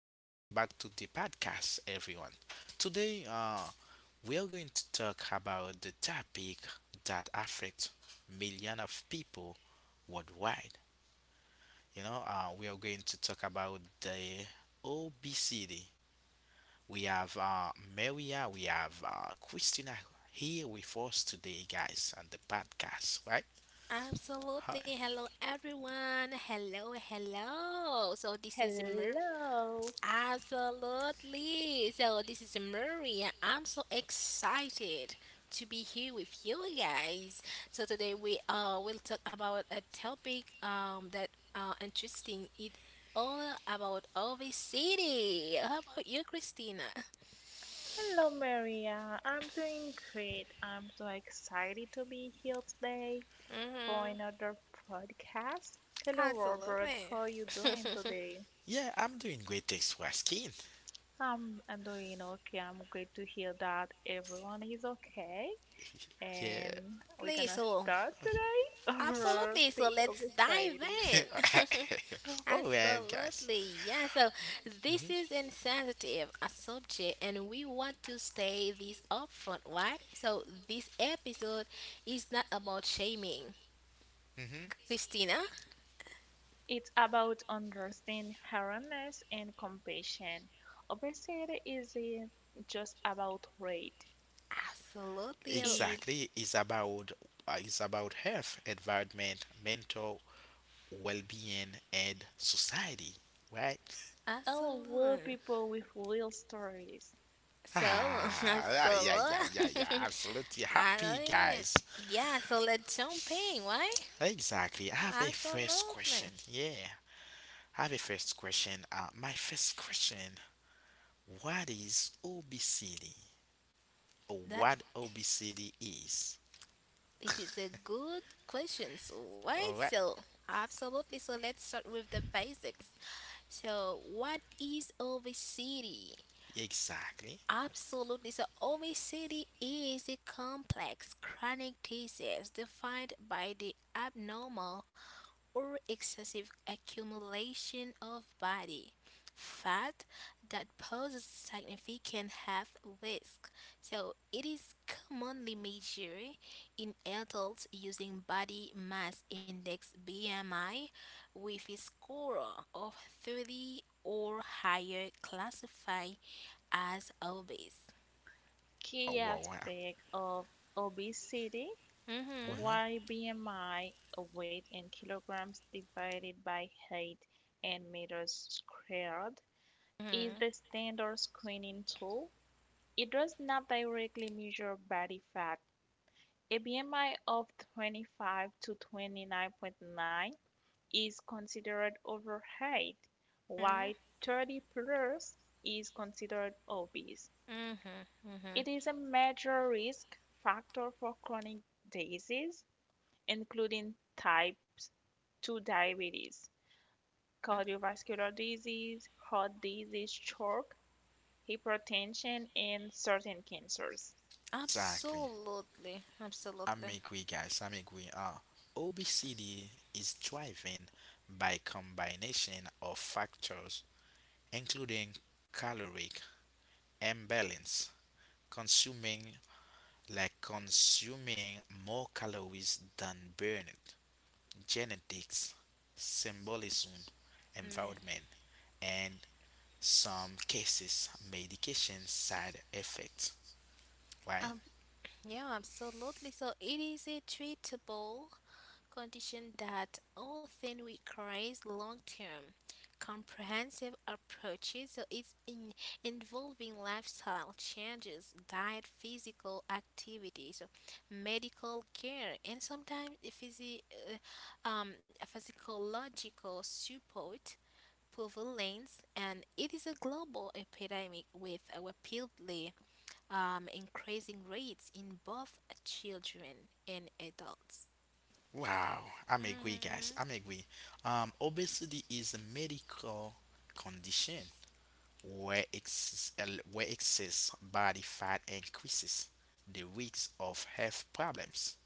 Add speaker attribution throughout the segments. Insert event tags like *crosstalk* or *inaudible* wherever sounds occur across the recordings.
Speaker 1: Welcome back to the podcast, everyone. Today, we are going to talk about the topic that affects millions of people worldwide. We are going to talk about the obesity. We have Maria, we have Christina here with us today, guys, on the podcast, right? Hi.
Speaker 2: Absolutely. Hello, everyone. Hello, hello. So, this is Mer.
Speaker 3: Hello.
Speaker 2: Absolutely. So, this is Murray. And I'm so excited to be here with you guys. So, today we will talk about a topic that interesting. It all about Ovi City. How about you, Christina?
Speaker 3: Hello, Maria. I'm doing great. I'm so excited to be here today for
Speaker 2: Mm-hmm.
Speaker 3: another podcast. Hello, Robert.
Speaker 2: Absolutely.
Speaker 3: How are you doing today?
Speaker 1: Yeah, I'm doing great. Thanks for asking.
Speaker 3: I'm doing okay. I'm great to hear that everyone is okay.
Speaker 1: Yeah.
Speaker 3: And we're gonna
Speaker 2: So,
Speaker 3: start today. *laughs* Or
Speaker 2: absolutely. So,
Speaker 3: the
Speaker 2: let's dive
Speaker 3: overexciting.
Speaker 2: in. *laughs*
Speaker 1: *laughs* All right, guys.
Speaker 2: Absolutely, yeah. So this is
Speaker 1: hmm
Speaker 2: insensitive, a subject, and we want to stay this upfront. Why? So this episode is not about shaming,
Speaker 1: hmm
Speaker 2: Christina.
Speaker 3: It's about understanding awareness and compassion. Obesity isn't just about weight.
Speaker 2: Absolutely,
Speaker 3: It
Speaker 1: Exactly. It's about it's about health, environment, mental well-being, and society. Right? *laughs*
Speaker 3: Oh, well,
Speaker 2: absolutely.
Speaker 3: people with real stories.
Speaker 2: So *laughs*
Speaker 1: Ah, yeah, yeah, yeah, yeah, yeah,
Speaker 2: absolutely,
Speaker 1: absolutely happy,
Speaker 2: *laughs*
Speaker 1: guys.
Speaker 2: yeah. So let's jump in. Why?
Speaker 1: Exactly. I have a first
Speaker 2: Absolutely.
Speaker 1: question. Yeah, I have a first question. My first question: what is obesity? Or
Speaker 2: That.
Speaker 1: what obesity is?
Speaker 2: This is a good question. So, why
Speaker 1: All right.
Speaker 2: so absolutely. So, let's start with the basics. So, what is obesity?
Speaker 1: Exactly.
Speaker 2: Absolutely. So, obesity is a complex chronic disease defined by the abnormal or excessive accumulation of body fat that poses significant health risk. So it is commonly measured in adults using body mass index BMI with a score of 30 or higher classified as obese.
Speaker 1: Oh,
Speaker 3: Key
Speaker 1: wow, wow.
Speaker 3: aspect of obesity,
Speaker 2: Mhm.
Speaker 1: Well,
Speaker 3: why BMI, weight in kilograms divided by height and meters squared, is
Speaker 2: Mhm.
Speaker 3: the standard screening tool. It does not directly measure body fat. A BMI of 25 to 29.9 is considered overweight,
Speaker 2: Mhm.
Speaker 3: while 30 plus is considered obese.
Speaker 2: Mhm. Mhm.
Speaker 3: It is a major risk factor for chronic disease, including type 2 diabetes, cardiovascular disease, heart disease, stroke, hypertension, and certain cancers.
Speaker 1: exactly.
Speaker 2: Absolutely.
Speaker 1: I'm
Speaker 2: Absolutely.
Speaker 1: agree, guys. I'm agree. Obesity is driven by combination of factors, including caloric imbalance, consuming consuming more calories than burned, genetics, symbolism,
Speaker 2: Man.
Speaker 1: environment, and some cases medication side effects. Why?
Speaker 2: Yeah, absolutely. So it is a treatable condition that often requires long-term, comprehensive approaches. So it's in involving lifestyle changes, diet, physical activities, so medical care, and sometimes uh, um, physiological support, prevalence, and it is a global epidemic with a rapidly increasing rates in both children and adults.
Speaker 1: Wow, I'm agree,
Speaker 2: Mhm,
Speaker 1: guys. I'm agree. Obesity is a medical condition where excess body fat increases the risk of health problems.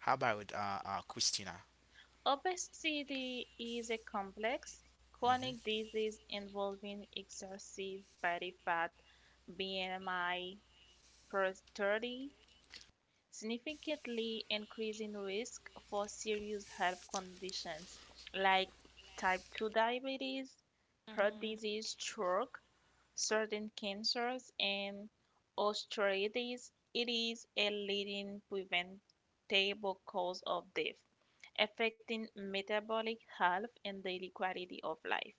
Speaker 1: How about Christina?
Speaker 3: Obesity is a complex chronic
Speaker 1: Mm-hmm.
Speaker 3: disease involving excessive body fat, BMI 30, significantly increasing risk for serious health conditions like type 2 diabetes, heart
Speaker 2: mhm.
Speaker 3: disease, stroke, certain cancers, and osteoarthritis. It is a leading preventable cause of death, affecting metabolic health and daily quality of life.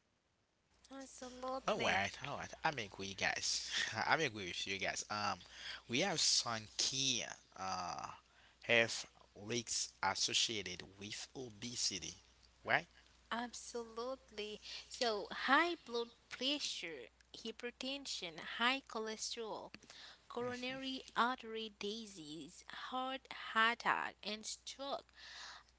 Speaker 1: All
Speaker 2: Absolutely,
Speaker 1: right, all right. I'm agree, guys. *laughs* I'm agree with you guys. We have some key uh health risks associated with obesity, right?
Speaker 2: absolutely. So, high blood pressure, hypertension, high cholesterol, coronary artery disease, heart attack, and stroke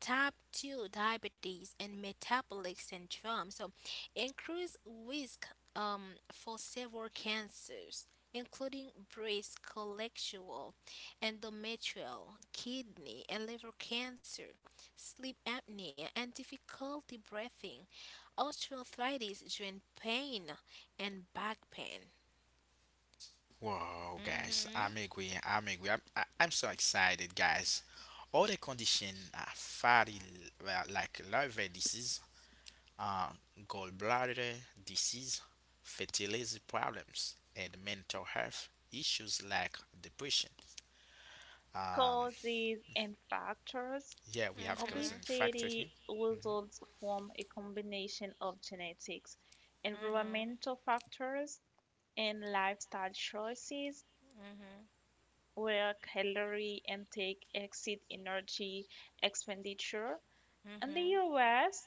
Speaker 2: type 2 diabetes and metabolic syndrome so increase risk for several cancers including breast colorectal, endometrial kidney and liver cancer sleep apnea and difficulty breathing osteoarthritis joint pain and back pain.
Speaker 1: Wow, guys,
Speaker 2: Mhm.
Speaker 1: I'm agreeing. I'm agreeing. I'm so excited, guys. All the condition are fatty, well, like liver disease, uh, gallbladder disease, fertility problems, and mental health issues like depression. Um,
Speaker 3: Causes and factors.
Speaker 1: yeah, we have causing
Speaker 2: Mhm.
Speaker 1: factor here.
Speaker 3: Obesity
Speaker 1: Mm-hmm.
Speaker 3: results from a combination of genetics,
Speaker 2: Mhm.
Speaker 3: environmental factors, and lifestyle choices
Speaker 2: Mhm.
Speaker 3: where calorie intake exceeds energy expenditure. In the
Speaker 2: Mhm.
Speaker 3: US,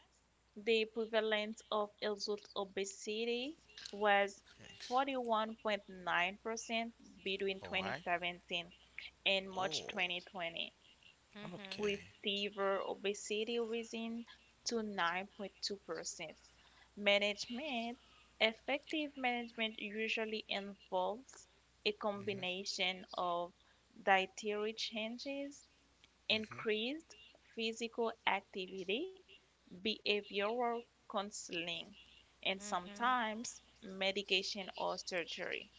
Speaker 3: the prevalence of adult obesity was
Speaker 1: Thanks.
Speaker 3: 41.9% between
Speaker 1: All right.
Speaker 3: 2017 and
Speaker 1: Oh,
Speaker 3: March 2020,
Speaker 2: Mhm.
Speaker 3: with
Speaker 1: okay.
Speaker 3: severe obesity rising to 9.2%. Management. Effective management usually involves a
Speaker 1: Mm-hmm.
Speaker 3: combination of dietary changes,
Speaker 1: Mm-hmm.
Speaker 3: increased physical activity, behavioral counseling, and
Speaker 2: Mhm.
Speaker 3: sometimes medication or surgery.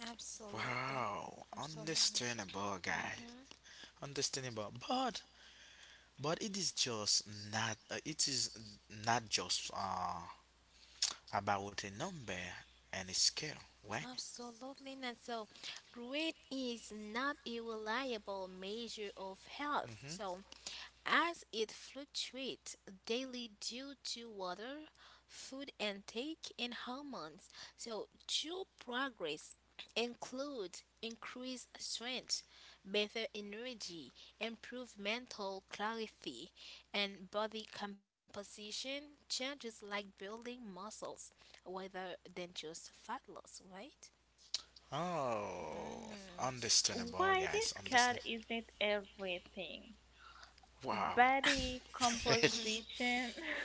Speaker 2: Absolutely.
Speaker 1: Wow,
Speaker 2: Absolutely.
Speaker 1: understandable, guys.
Speaker 2: Hmm.
Speaker 1: Understandable, but But it is just it is not just about a number and a scale, right?
Speaker 2: Absolutely not. So, grade is not a reliable measure of health.
Speaker 1: hmm
Speaker 2: So, as it fluctuates daily due to water, food intake, and hormones. So, true progress includes increased strength, better energy, improved mental clarity, and body composition changes like building muscles rather than just fat loss, right?
Speaker 1: Oh,
Speaker 2: Mm-hmm.
Speaker 1: understandable,
Speaker 3: Why
Speaker 1: guys.
Speaker 3: this
Speaker 1: Understand.
Speaker 3: cat isn't everything?
Speaker 1: Wow.
Speaker 3: Body
Speaker 1: *laughs* This
Speaker 3: composition *laughs*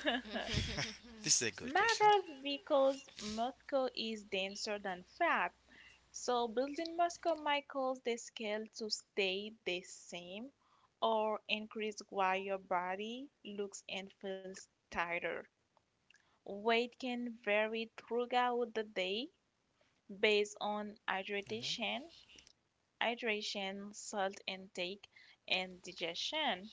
Speaker 1: is a good question.
Speaker 3: matters because Moscow is denser than fat. So building Moscow might cause the scale to stay the same or increase while your body looks and feels tighter. Weight can vary throughout the day based on
Speaker 1: hmm
Speaker 3: hydration, salt intake, and digestion.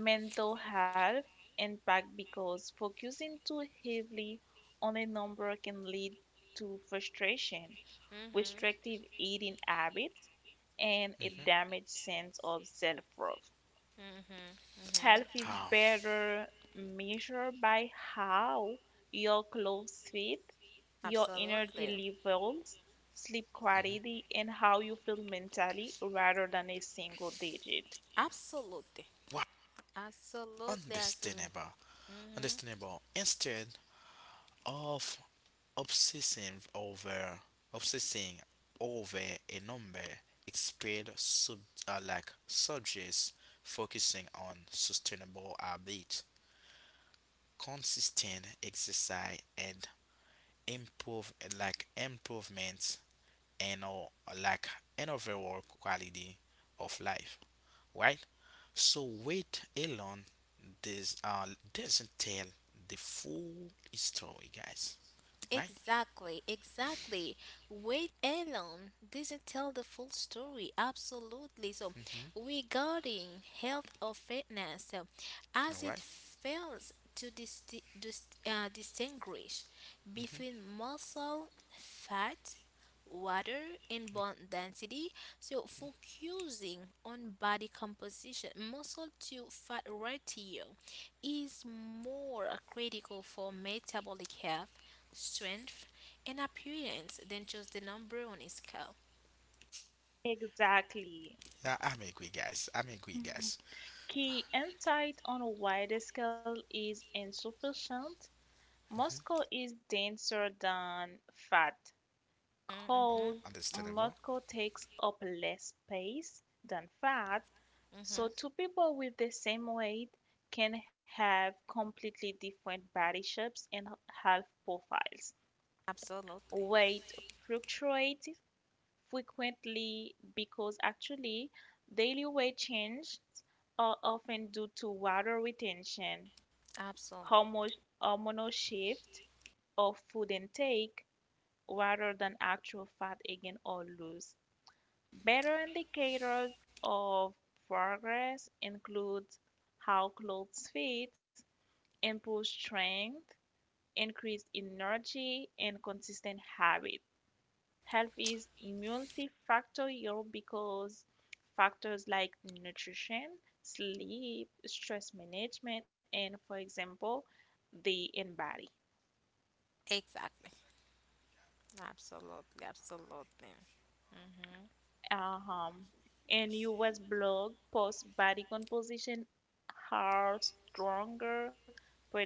Speaker 3: Mental health impact because focusing too heavily on a number can lead to frustration,
Speaker 2: Mm-hmm.
Speaker 3: restrictive eating habits, and a damaged
Speaker 1: hmm
Speaker 3: sense of self worth.
Speaker 2: Mm-hmm. Mm-hmm.
Speaker 3: Health is
Speaker 1: How?
Speaker 3: better measured by how your clothes fit, your
Speaker 2: Absolutely.
Speaker 3: energy levels, sleep quality, and how you feel mentally rather than a single digit.
Speaker 2: Absolutely.
Speaker 1: Wow.
Speaker 2: Absolutely, absolutely.
Speaker 1: Understandable.
Speaker 2: Hmm.
Speaker 1: Understandable. Instead of obsessing over Obsessing over a number expired sub like subjects, focusing on sustainable habit, consistent exercise and improvements, and or like an overall quality of life, right? So weight alone this doesn't tell the full story, guys, right?
Speaker 2: Exactly, exactly. Wait alone doesn't tell the full story. Absolutely. So,
Speaker 1: Mm-hmm.
Speaker 2: regarding health or fitness, so,
Speaker 1: All
Speaker 2: as
Speaker 1: right?
Speaker 2: it fails to distinguish
Speaker 1: Mhm.
Speaker 2: between muscle, fat, water, and bone density, so focusing on body composition, muscle to fat ratio is more critical for metabolic health strength, and appearance Then choose the number on a scale.
Speaker 3: Exactly.
Speaker 1: Yeah, I'm agree, guys. I'm agree, guys.
Speaker 3: Key insight on a wider scale is insufficient. Moscow
Speaker 1: hmm
Speaker 3: is denser than fat.
Speaker 1: Oh,
Speaker 2: Mm-hmm,
Speaker 3: Coal
Speaker 1: understandable.
Speaker 3: Moscow takes up less space than fat, so
Speaker 2: mm-hmm.
Speaker 3: two people with the same weight can have completely different body shapes and health profiles.
Speaker 2: Absolutely.
Speaker 3: Weight fluctuates frequently because actually daily weight changes are often due to water retention, hormo-
Speaker 2: Absolutely.
Speaker 3: hormonal shift, or food intake rather than actual fat gain or loss. Better indicators of progress include how clothes fit, improved strength, increased energy, and consistent habit. Health is multifactorial because factors like nutrition, sleep, stress management, and for example, the in body.
Speaker 2: Exactly. Absolutely. Absolutely. Mm-hmm.
Speaker 3: um, and U.S. blog posts body composition are stronger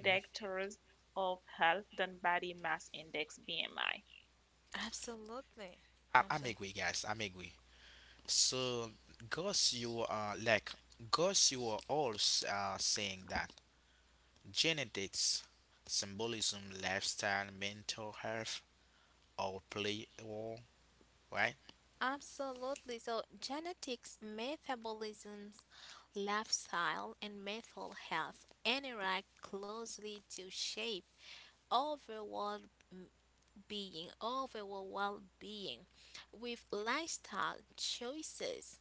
Speaker 1: hmm
Speaker 3: of health than body mass index BMI.
Speaker 2: Absolutely.
Speaker 1: I, I'm agree,
Speaker 2: Absolutely.
Speaker 1: guys. I'm agree. So, Gus, you are like Gus, you are all saying that genetics, symbolism, lifestyle, mental health all play a role, right?
Speaker 2: Absolutely. So, genetics, metabolisms, lifestyle, and mental health interact closely to shape overall overall well being, with lifestyle choices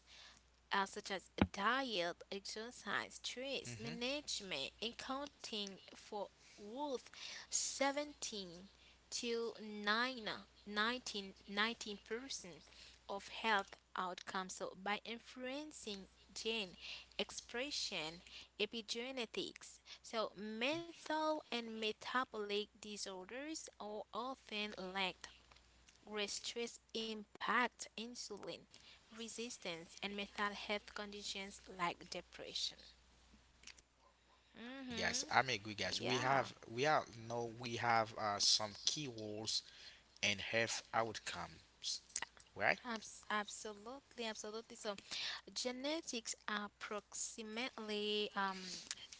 Speaker 2: such as diet, exercise, stress
Speaker 1: Mm-hmm.
Speaker 2: management, accounting for worth 17 to nineteen percent of health outcomes. So by influencing gene expression, epigenetics, so mental and metabolic disorders are often linked where stress impacts insulin resistance and mental health conditions like depression.
Speaker 1: Guys,
Speaker 2: Hmm.
Speaker 1: I'm agree, guys. We
Speaker 2: Yeah.
Speaker 1: have we are no, we have some key roles and health outcomes, right?
Speaker 2: Absolutely, absolutely. So genetics are approximately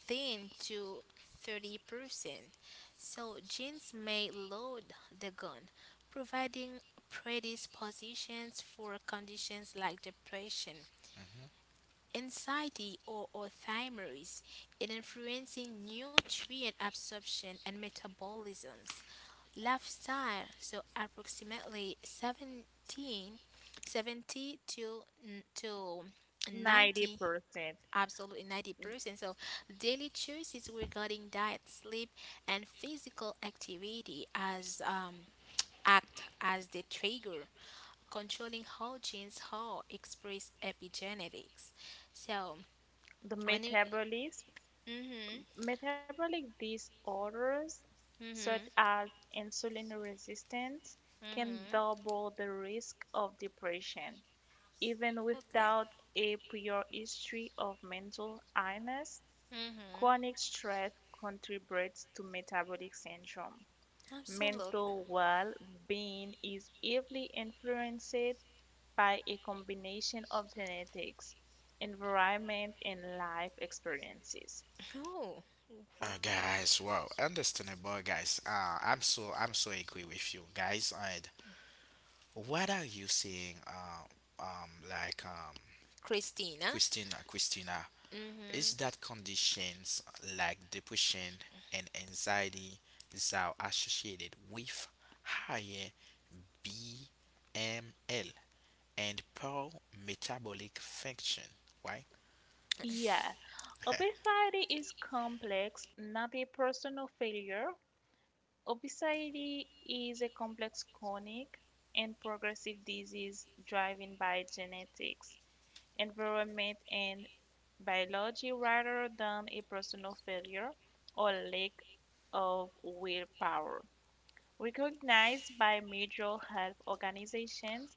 Speaker 2: thin to 30%. So genes may load the gun, providing predispositions for conditions like depression, anxiety or Alzheimer's in influencing nutrient absorption and metabolisms. Lifestyle, so approximately 17, 70 to, to 90,
Speaker 3: 90%.
Speaker 2: absolutely 90%. So daily choices regarding diet, sleep, and physical activity as act as the trigger, controlling how genes are expressed epigenetics. So
Speaker 3: The
Speaker 2: when it,
Speaker 3: metabolism,
Speaker 2: mm-hmm,
Speaker 3: Metabolic disorders such
Speaker 2: mm-hmm,
Speaker 3: as insulin resistance can
Speaker 2: mm-hmm,
Speaker 3: double the risk of depression, even
Speaker 2: absolutely,
Speaker 3: without a prior history of mental illness.
Speaker 2: mm-hmm,
Speaker 3: Chronic stress contributes to metabolic syndrome.
Speaker 2: absolutely.
Speaker 3: Mental well being is heavily influenced by a combination of genetics, environment, and life experiences.
Speaker 2: Oh, wow,
Speaker 1: Guys, wow, understandable, guys. I'm so agree with you, guys. And what are you saying? Um, like um,
Speaker 2: Christina,
Speaker 1: Christina, is
Speaker 2: mm-hmm,
Speaker 1: that conditions like depression and anxiety that are associated with higher BML and poor metabolic function, right?
Speaker 2: yes,
Speaker 3: Yeah, obesity is complex, not a personal failure. Obesity is a complex chronic and progressive disease driven by genetics, environment, and biology rather than a personal failure or lack of willpower. Recognized by major health organizations,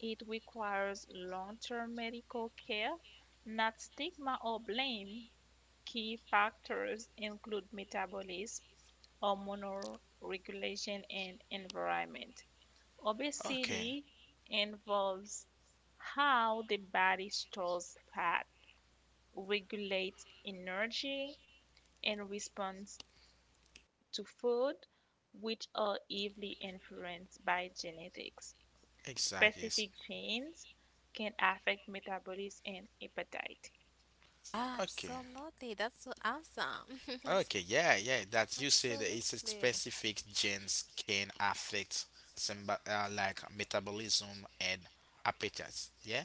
Speaker 3: it requires long term medical care, not stigma or blame. Key factors include metabolism, hormonal regulation, and environment.
Speaker 1: *laughs* Okay,
Speaker 3: Obesity involves how the body stores fat, regulates energy, and response to food, which are heavily influenced by genetics.
Speaker 1: exactly. Yes.
Speaker 3: Specific genes can affect metabolism and appetite.
Speaker 1: Okay.
Speaker 2: absolutely. That's so awesome. *laughs*
Speaker 1: Okay, yeah, yeah, that you said that it's a
Speaker 2: absolutely,
Speaker 1: specific genes can affect some metabolism and appetite. Yeah,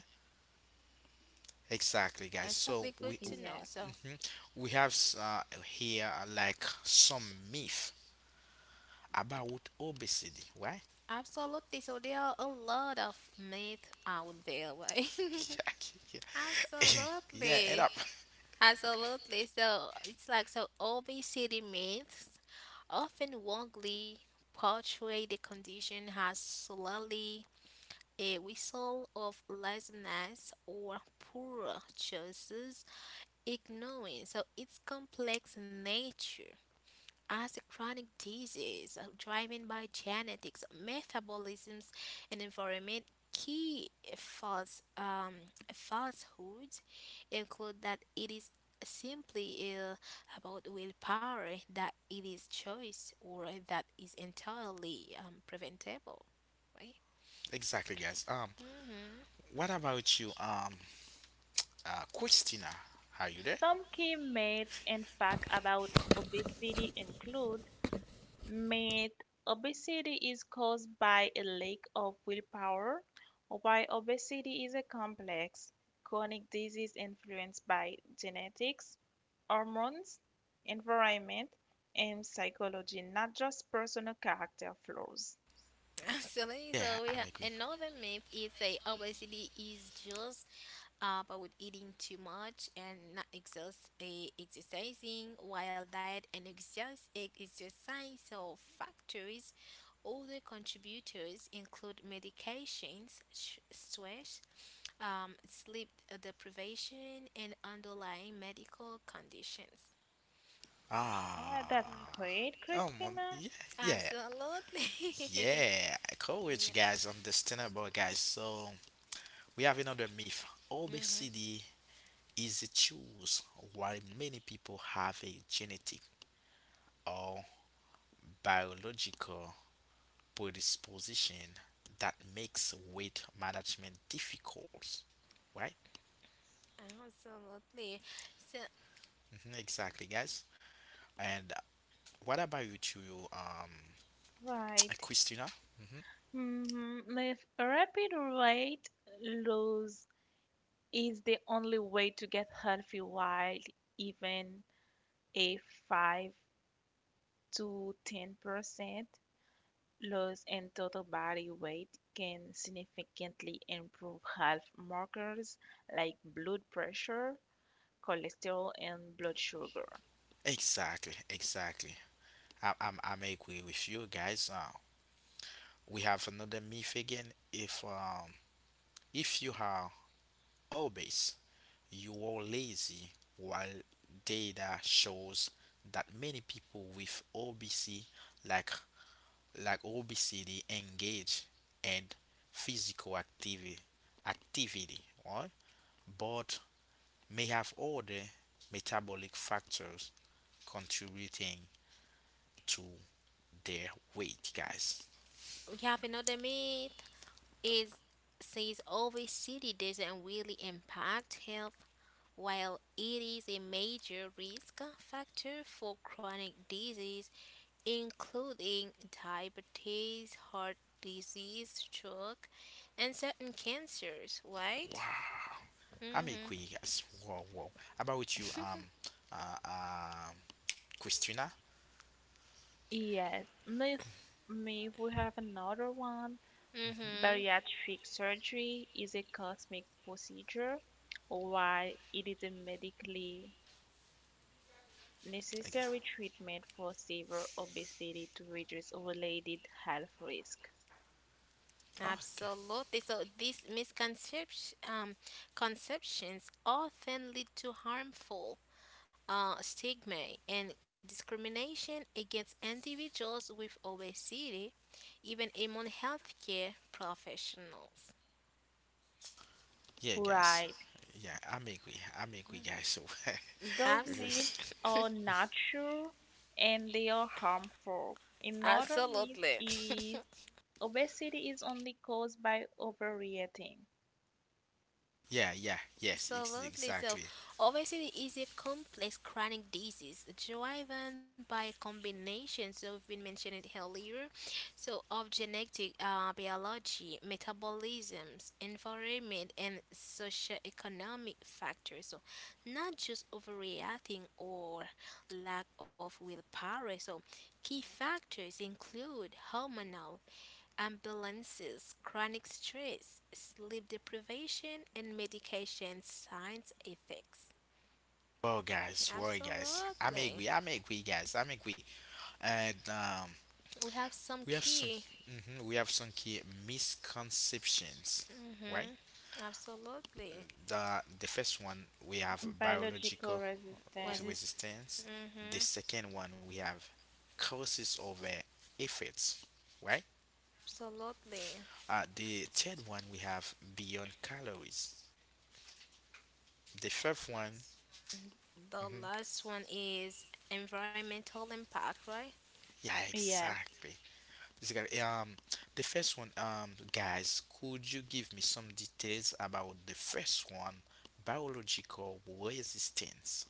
Speaker 1: exactly, guys. So
Speaker 2: exactly.
Speaker 1: we
Speaker 2: Good to know.
Speaker 3: Yeah.
Speaker 2: So,
Speaker 1: mhm. we have s- here like some myth about obesity, right?
Speaker 2: absolutely. So there are a lot of myths out there, right?
Speaker 1: *laughs*
Speaker 2: *laughs*
Speaker 1: Yeah, yeah, *laughs* yeah. End
Speaker 2: absolutely,
Speaker 1: up
Speaker 2: absolutely. So it's like so obesity myths often wrongly portray the condition as solely a result of laziness or poor choices, ignoring so its complex nature as a chronic disease driven by genetics, metabolisms, and environment. Key false um, falsehoods include that it is simply ill about willpower, that it is choice, or that is entirely preventable. Right?
Speaker 1: *laughs* exactly, guys.
Speaker 2: Hmm.
Speaker 1: What about you, Christina? Are you there?
Speaker 3: Some key myths and facts about obesity include myth obesity is caused by a lack of willpower, while obesity is a complex chronic disease influenced by genetics. Hormones, environment, and psychology, not just personal character flaws.
Speaker 2: Absolutely. So
Speaker 1: Yeah,
Speaker 2: we have
Speaker 1: I'm agree.
Speaker 2: another myth is say obesity is just about eating too much and not exercising while diet and exercise or factors. Other contributors include medications, stress, sleep deprivation, and underlying medical conditions.
Speaker 3: Well, that's
Speaker 2: Hmm.
Speaker 1: Ah,
Speaker 3: great, Christina.
Speaker 1: yeah, yeah.
Speaker 2: Absolutely. *laughs*
Speaker 1: Yeah, I cool with
Speaker 2: Yeah.
Speaker 1: you guys. Understandable, guys. So we have another myth.
Speaker 2: Mm-hmm.
Speaker 1: Obesity is a choice. While many people have a genetic or biological predisposition that makes weight management difficult, right?
Speaker 2: Absolutely. So
Speaker 1: Exactly, guys. And what about you two, *tsk*
Speaker 3: Right.
Speaker 1: Christina? hmm
Speaker 3: Mm-hmm. If rapid weight loss is the only way to get healthy, while even a 5 to 10% loss in total body weight can significantly improve health markers like blood pressure, cholesterol and blood sugar.
Speaker 1: Exactly, exactly. I'm agree with you guys. We have another myth again. If um, if you are obese, you are lazy. While data shows that many people with obesity, like engage in physical activity, right? But may have other metabolic factors contributing to their weight, guys.
Speaker 2: we have another myth is says obesity doesn't really impact health while it is a major risk factor for chronic disease including diabetes, heart disease, stroke and certain cancers,
Speaker 1: Wow.
Speaker 2: right?
Speaker 1: I'm a
Speaker 2: Mhm.
Speaker 1: queen. Yes. Whoa, whoa. How about you, uh, um, Christina?
Speaker 3: Yes, if we have another one,
Speaker 2: Mhm.
Speaker 3: bariatric surgery is a cosmetic procedure while it is a medically
Speaker 1: I guess.
Speaker 3: necessary treatment for severe obesity to reduce related health risk.
Speaker 1: Oh, okay.
Speaker 2: Absolutely. So these misconceptions conceptions often lead to harmful stigma and discrimination against individuals with obesity, even among healthcare professionals.
Speaker 1: Yeah, guys.
Speaker 3: Right,
Speaker 1: Yeah, I'm a queen. I'm a queen, guys. So,
Speaker 3: those
Speaker 2: Abs-
Speaker 3: myths
Speaker 1: *laughs*
Speaker 3: are not true and they are harmful.
Speaker 2: *laughs*
Speaker 3: Another myth
Speaker 2: absolutely. *laughs*
Speaker 3: is obesity is only caused by overeating.
Speaker 1: yeah, yeah, yes,
Speaker 2: Absolutely. So,
Speaker 1: exactly.
Speaker 2: obesity is a complex chronic disease driven by a combination. So, we've been mentioning it earlier. So, of genetic, biology, metabolisms, environment, and socioeconomic factors. So, not just overreacting or lack of willpower. So, key factors include hormonal Ambulances, chronic stress, sleep deprivation, and medication science effects.
Speaker 1: Well, guys, I'm a
Speaker 2: Absolutely.
Speaker 1: queen. I'm a queen, guys. I'm a queen. And um,
Speaker 2: We have some
Speaker 1: we have some,
Speaker 2: key.
Speaker 1: we have some key misconceptions, right?
Speaker 2: Hmm. Absolutely.
Speaker 1: The first one we have
Speaker 3: Biological
Speaker 1: biological
Speaker 2: Was
Speaker 3: resistance.
Speaker 2: it?
Speaker 1: resistance.
Speaker 2: Hmm.
Speaker 1: The second one we have causes over effects, right?
Speaker 2: Absolutely.
Speaker 1: The third one we have beyond calories. The fifth one,
Speaker 2: The
Speaker 1: mhm,
Speaker 2: last one is environmental impact, right?
Speaker 1: yeah,
Speaker 3: Yes.
Speaker 1: exactly. Basically, the first one, guys, could you give me some details about the first one, biological resistance,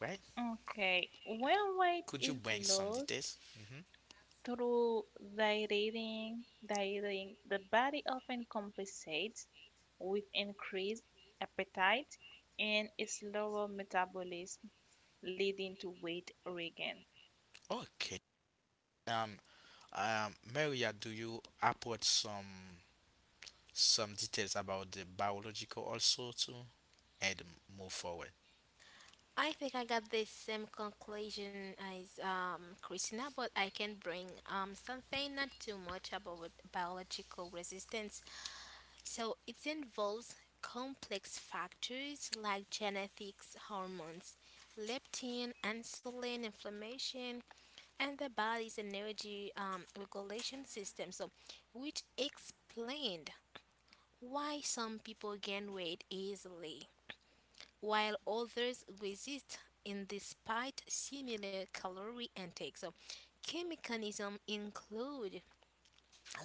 Speaker 1: right?
Speaker 3: Okay. When weight
Speaker 1: Could you
Speaker 3: is
Speaker 1: bring some
Speaker 3: lost
Speaker 1: details?
Speaker 3: through dieting, the body often compensates with increased appetite and a slower metabolism, leading to weight regain.
Speaker 1: Okay. Um, Maria, do you upload some details about the biological also too and move forward.
Speaker 2: I think I got the same conclusion as Christina, but I can bring something not too much about biological resistance. So it involves complex factors like genetics, hormones, leptin, insulin, inflammation, and the body's energy regulation system. So, which explained why some people gain weight easily while others resist in despite similar calorie intake. So, key mechanisms include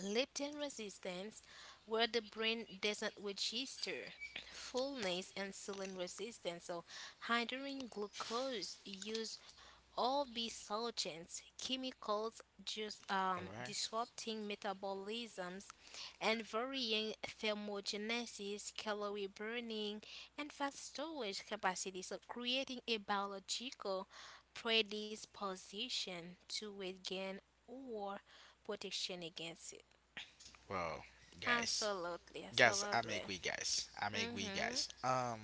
Speaker 2: Leptin resistance, where the brain doesn't register fullness, insulin resistance, so hindering glucose use all these solvents, chemicals, just
Speaker 1: All right.
Speaker 2: disrupting metabolisms and varying thermogenesis, calorie burning, and fast storage capacity. So, creating a biological predisposition to weight gain or protection against it.
Speaker 1: Well, guys,
Speaker 2: Absolutely,
Speaker 1: guys, I'm
Speaker 2: absolutely.
Speaker 1: agree, guys. I'm agree,
Speaker 2: Mm-hmm.
Speaker 1: guys.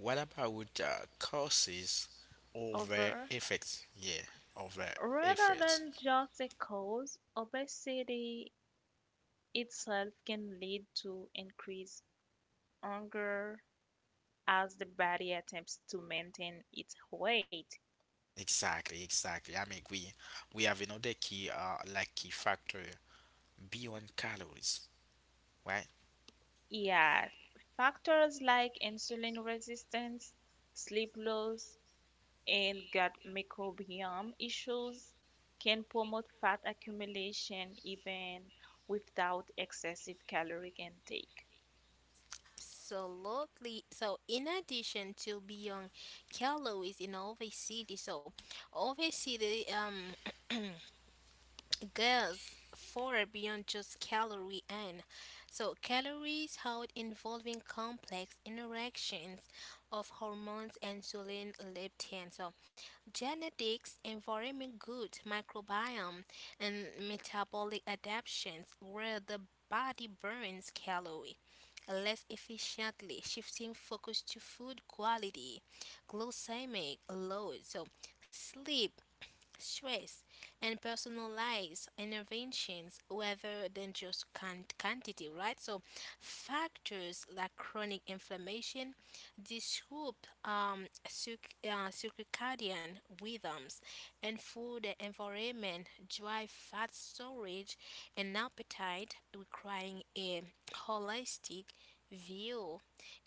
Speaker 1: What about with causes over
Speaker 3: Over,
Speaker 1: effects? Yeah, over
Speaker 3: Rather
Speaker 1: effects.
Speaker 3: than just a cause, obesity itself can lead to increased hunger, as the body attempts to maintain its weight.
Speaker 1: Exactly, exactly. I'm agree. We have another key, key factor beyond calories, right?
Speaker 3: Yeah, factors like insulin resistance, sleep loss, and gut microbiome issues can promote fat accumulation even without excessive caloric intake.
Speaker 2: Absolutely. So, in addition to beyond Kello is in Ove City, so Ove City, *clears throat* Girls, far beyond just calorie in. So calories hold involving complex interactions of hormones, insulin, leptin, so genetics, environment good, microbiome, and metabolic adaptations where the body burns calorie less efficiently, shifting focus to food quality, glycemic load, so sleep, stress, and personalized interventions rather than quantity, right? So, factors like chronic inflammation disrupt circadian rhythms, and food environment drive fat storage and appetite, requiring a holistic view,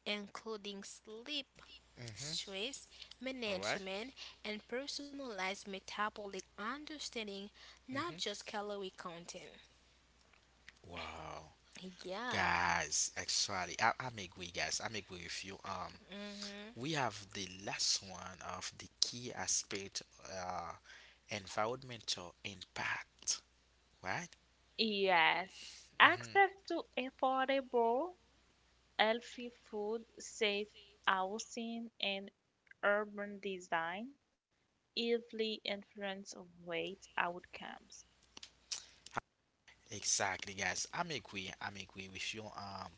Speaker 2: including sleep,
Speaker 1: Mm-hmm.
Speaker 2: stress
Speaker 1: All right.
Speaker 2: management, and personalized metabolic understanding, not just
Speaker 1: Mm-hmm.
Speaker 2: calorie content.
Speaker 1: Wow.
Speaker 2: Yeah.
Speaker 1: Guys, actually, I'm agree, guys. I'm agree with you.
Speaker 2: Hmm.
Speaker 1: We have the last one of the key aspect, environmental impact, right?
Speaker 3: Yes,
Speaker 1: Mm-hmm.
Speaker 3: access to affordable, healthy food, safe housing, and urban design easily influence of weight outcomes.
Speaker 1: Exactly, guys. I'm agree. I'm agree with you.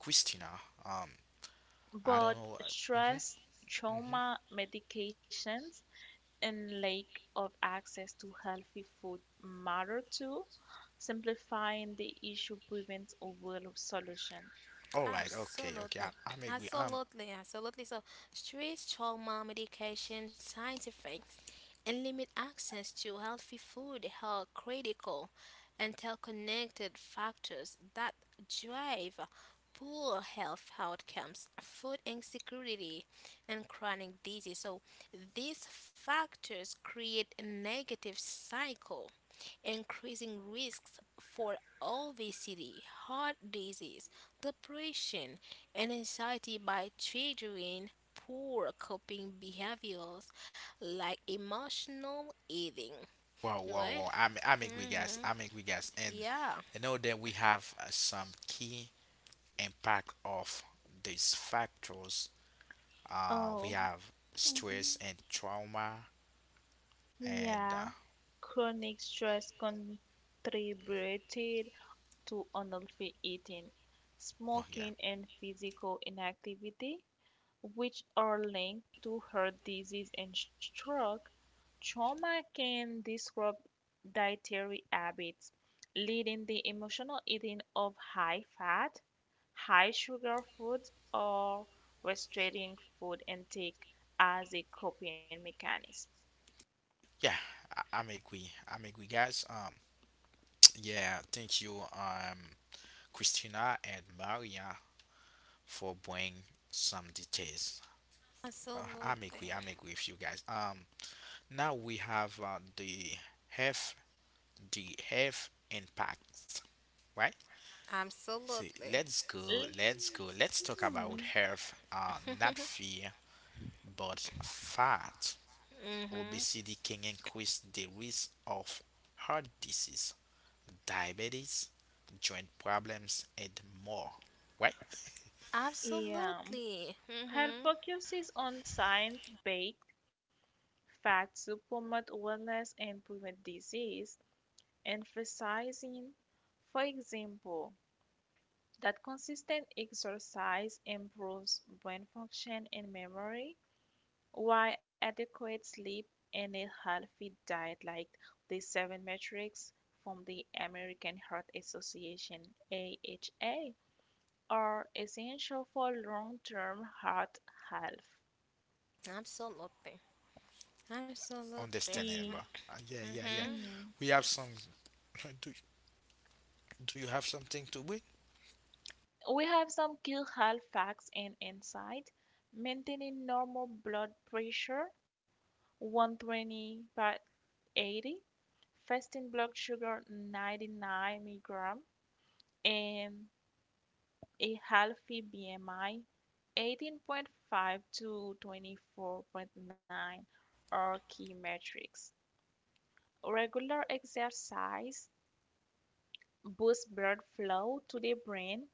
Speaker 1: Christina. Um, I don't
Speaker 3: But
Speaker 1: know. Uh, mm-hmm.
Speaker 3: stress,
Speaker 1: Mm-hmm.
Speaker 3: trauma, medications, and lack of access to healthy food matter too. Simplifying the issue prevents a world of solution.
Speaker 1: All right. Okay. Okay.
Speaker 2: Absolutely,
Speaker 1: I, I'm agree.
Speaker 2: absolutely, absolutely. So, stress trauma medication, scientifics, and limit access to healthy food are critical interconnected factors that drive poor health outcomes, food insecurity, and chronic disease. So, these factors create a negative cycle increasing risks for obesity, heart disease, depression, and anxiety by triggering poor coping behaviors like emotional eating.
Speaker 1: Wow. Wow.
Speaker 2: Right?
Speaker 1: Wow. I'm agree, guys.
Speaker 2: Mm-hmm.
Speaker 1: I'm agree, guys. And
Speaker 2: Yeah.
Speaker 1: then we have some key impact of these factors, we
Speaker 3: Oh,
Speaker 1: have
Speaker 3: mhm.
Speaker 1: stress and trauma, and
Speaker 3: Yeah. Chronic stress contributed to unhealthy eating,
Speaker 1: oh yeah,
Speaker 3: smoking, and physical inactivity, which are linked to heart disease and stroke. Trauma can disrupt dietary habits, leading the emotional eating of high fat, high sugar foods, or restricting food intake as a coping mechanism.
Speaker 1: yeah, I'm agree, guys. Yeah, thank you, Christina and Maria for bringing some details.
Speaker 2: Absolutely.
Speaker 1: I'm agree with you guys. Now we have health, the health impacts, right? See,
Speaker 2: Absolutely.
Speaker 1: let's go, let's go, let's talk about
Speaker 3: Mm,
Speaker 1: health, not
Speaker 2: *laughs*
Speaker 1: fear but fat.
Speaker 2: Mm-hmm.
Speaker 1: Obesity can increase the risk of heart disease, diabetes, joint problems, and more. Right?
Speaker 3: Yeah,
Speaker 2: Absolutely.
Speaker 3: health
Speaker 2: Mm-hmm.
Speaker 3: focuses on science-based facts to promote wellness and prevent disease, emphasizing, for example, that consistent exercise improves brain function and memory, while adequate sleep and a healthy diet, like the seven metrics from the American Heart Association AHA, are essential for long term heart health.
Speaker 2: Absolutely. Absolutely.
Speaker 3: Key
Speaker 2: Absolutely.
Speaker 1: Understandable. Yeah, yeah, yeah.
Speaker 2: Mm-hmm.
Speaker 3: mm,
Speaker 1: We have some. *laughs* Do, do you have something to win?
Speaker 3: we have some key health facts and insight. Maintaining normal blood pressure 120 by 80, fasting blood sugar 99 milligram, and a healthy BMI 18.5 to 24.9 are key metrics. Regular exercise boosts blood flow to the brain,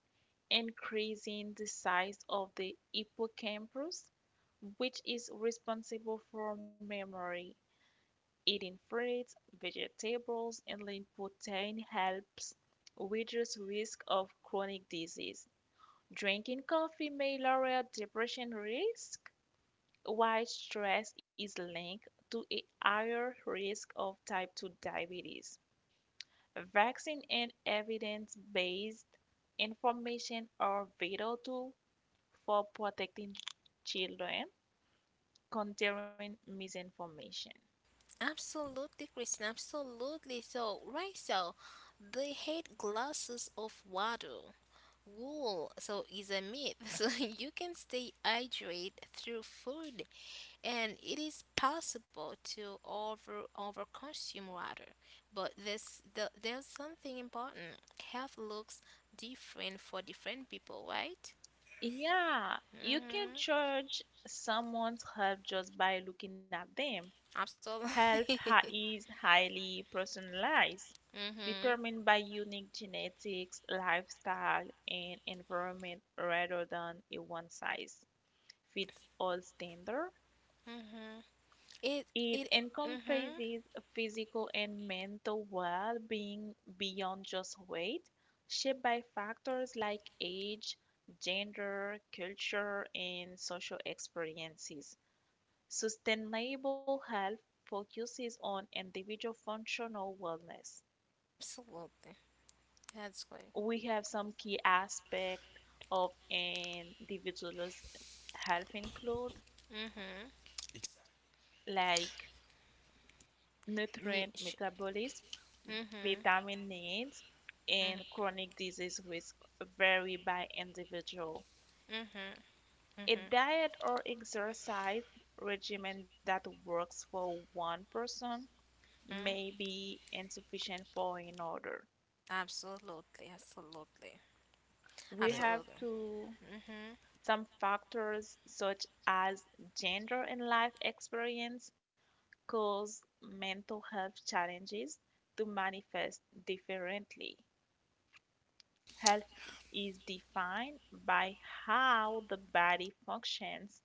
Speaker 3: increasing the size of the hippocampus, which is responsible for memory. Eating fruits, vegetables, and lean protein helps reduce risk of chronic disease. Drinking coffee may lower depression risk, while stress is linked to a higher risk of type 2 diabetes. Vaccine and evidence-based information are vital tools for protecting children containing misinformation.
Speaker 2: Absolutely, Christine, absolutely. So, right, so they hate glasses of water. Wool, so is a myth. *laughs* So you can stay hydrated through food, and it is possible to over consume water. But there's something important. Health looks different for different people, right?
Speaker 3: Yeah, you can
Speaker 2: Mm-hmm.
Speaker 3: judge someone's health just by looking at them.
Speaker 2: Absolutely. *laughs*
Speaker 3: Is highly personalized,
Speaker 2: Mm-hmm.
Speaker 3: determined by unique genetics, lifestyle, and environment rather than a one size fit all standard.
Speaker 2: Mm-hmm. It
Speaker 3: It
Speaker 2: it. Mm-hmm.
Speaker 3: encompasses physical and mental well being beyond just weight, shaped by factors like age, gender, culture, and social experiences. Sustainable health focuses on individual functional wellness.
Speaker 2: Absolutely. That's great.
Speaker 3: We have some key aspects of an individual's health include
Speaker 2: Mm-hmm.
Speaker 3: like
Speaker 2: Ye-
Speaker 3: nutrient
Speaker 2: sh-
Speaker 3: metabolism,
Speaker 2: mm-hmm.
Speaker 3: vitamin needs, and
Speaker 2: Mm-hmm.
Speaker 3: chronic disease risk vary by individual.
Speaker 2: Mm-hmm.
Speaker 3: A
Speaker 2: Mm-hmm.
Speaker 3: diet or exercise regimen that works for one person may be insufficient for another.
Speaker 2: Absolutely. Absolutely.
Speaker 3: We
Speaker 1: Yeah.
Speaker 3: have
Speaker 2: Absolutely.
Speaker 3: to
Speaker 2: Mm-hmm.
Speaker 3: some factors such as gender and life experience cause mental health challenges to manifest differently. Health is defined by how the body functions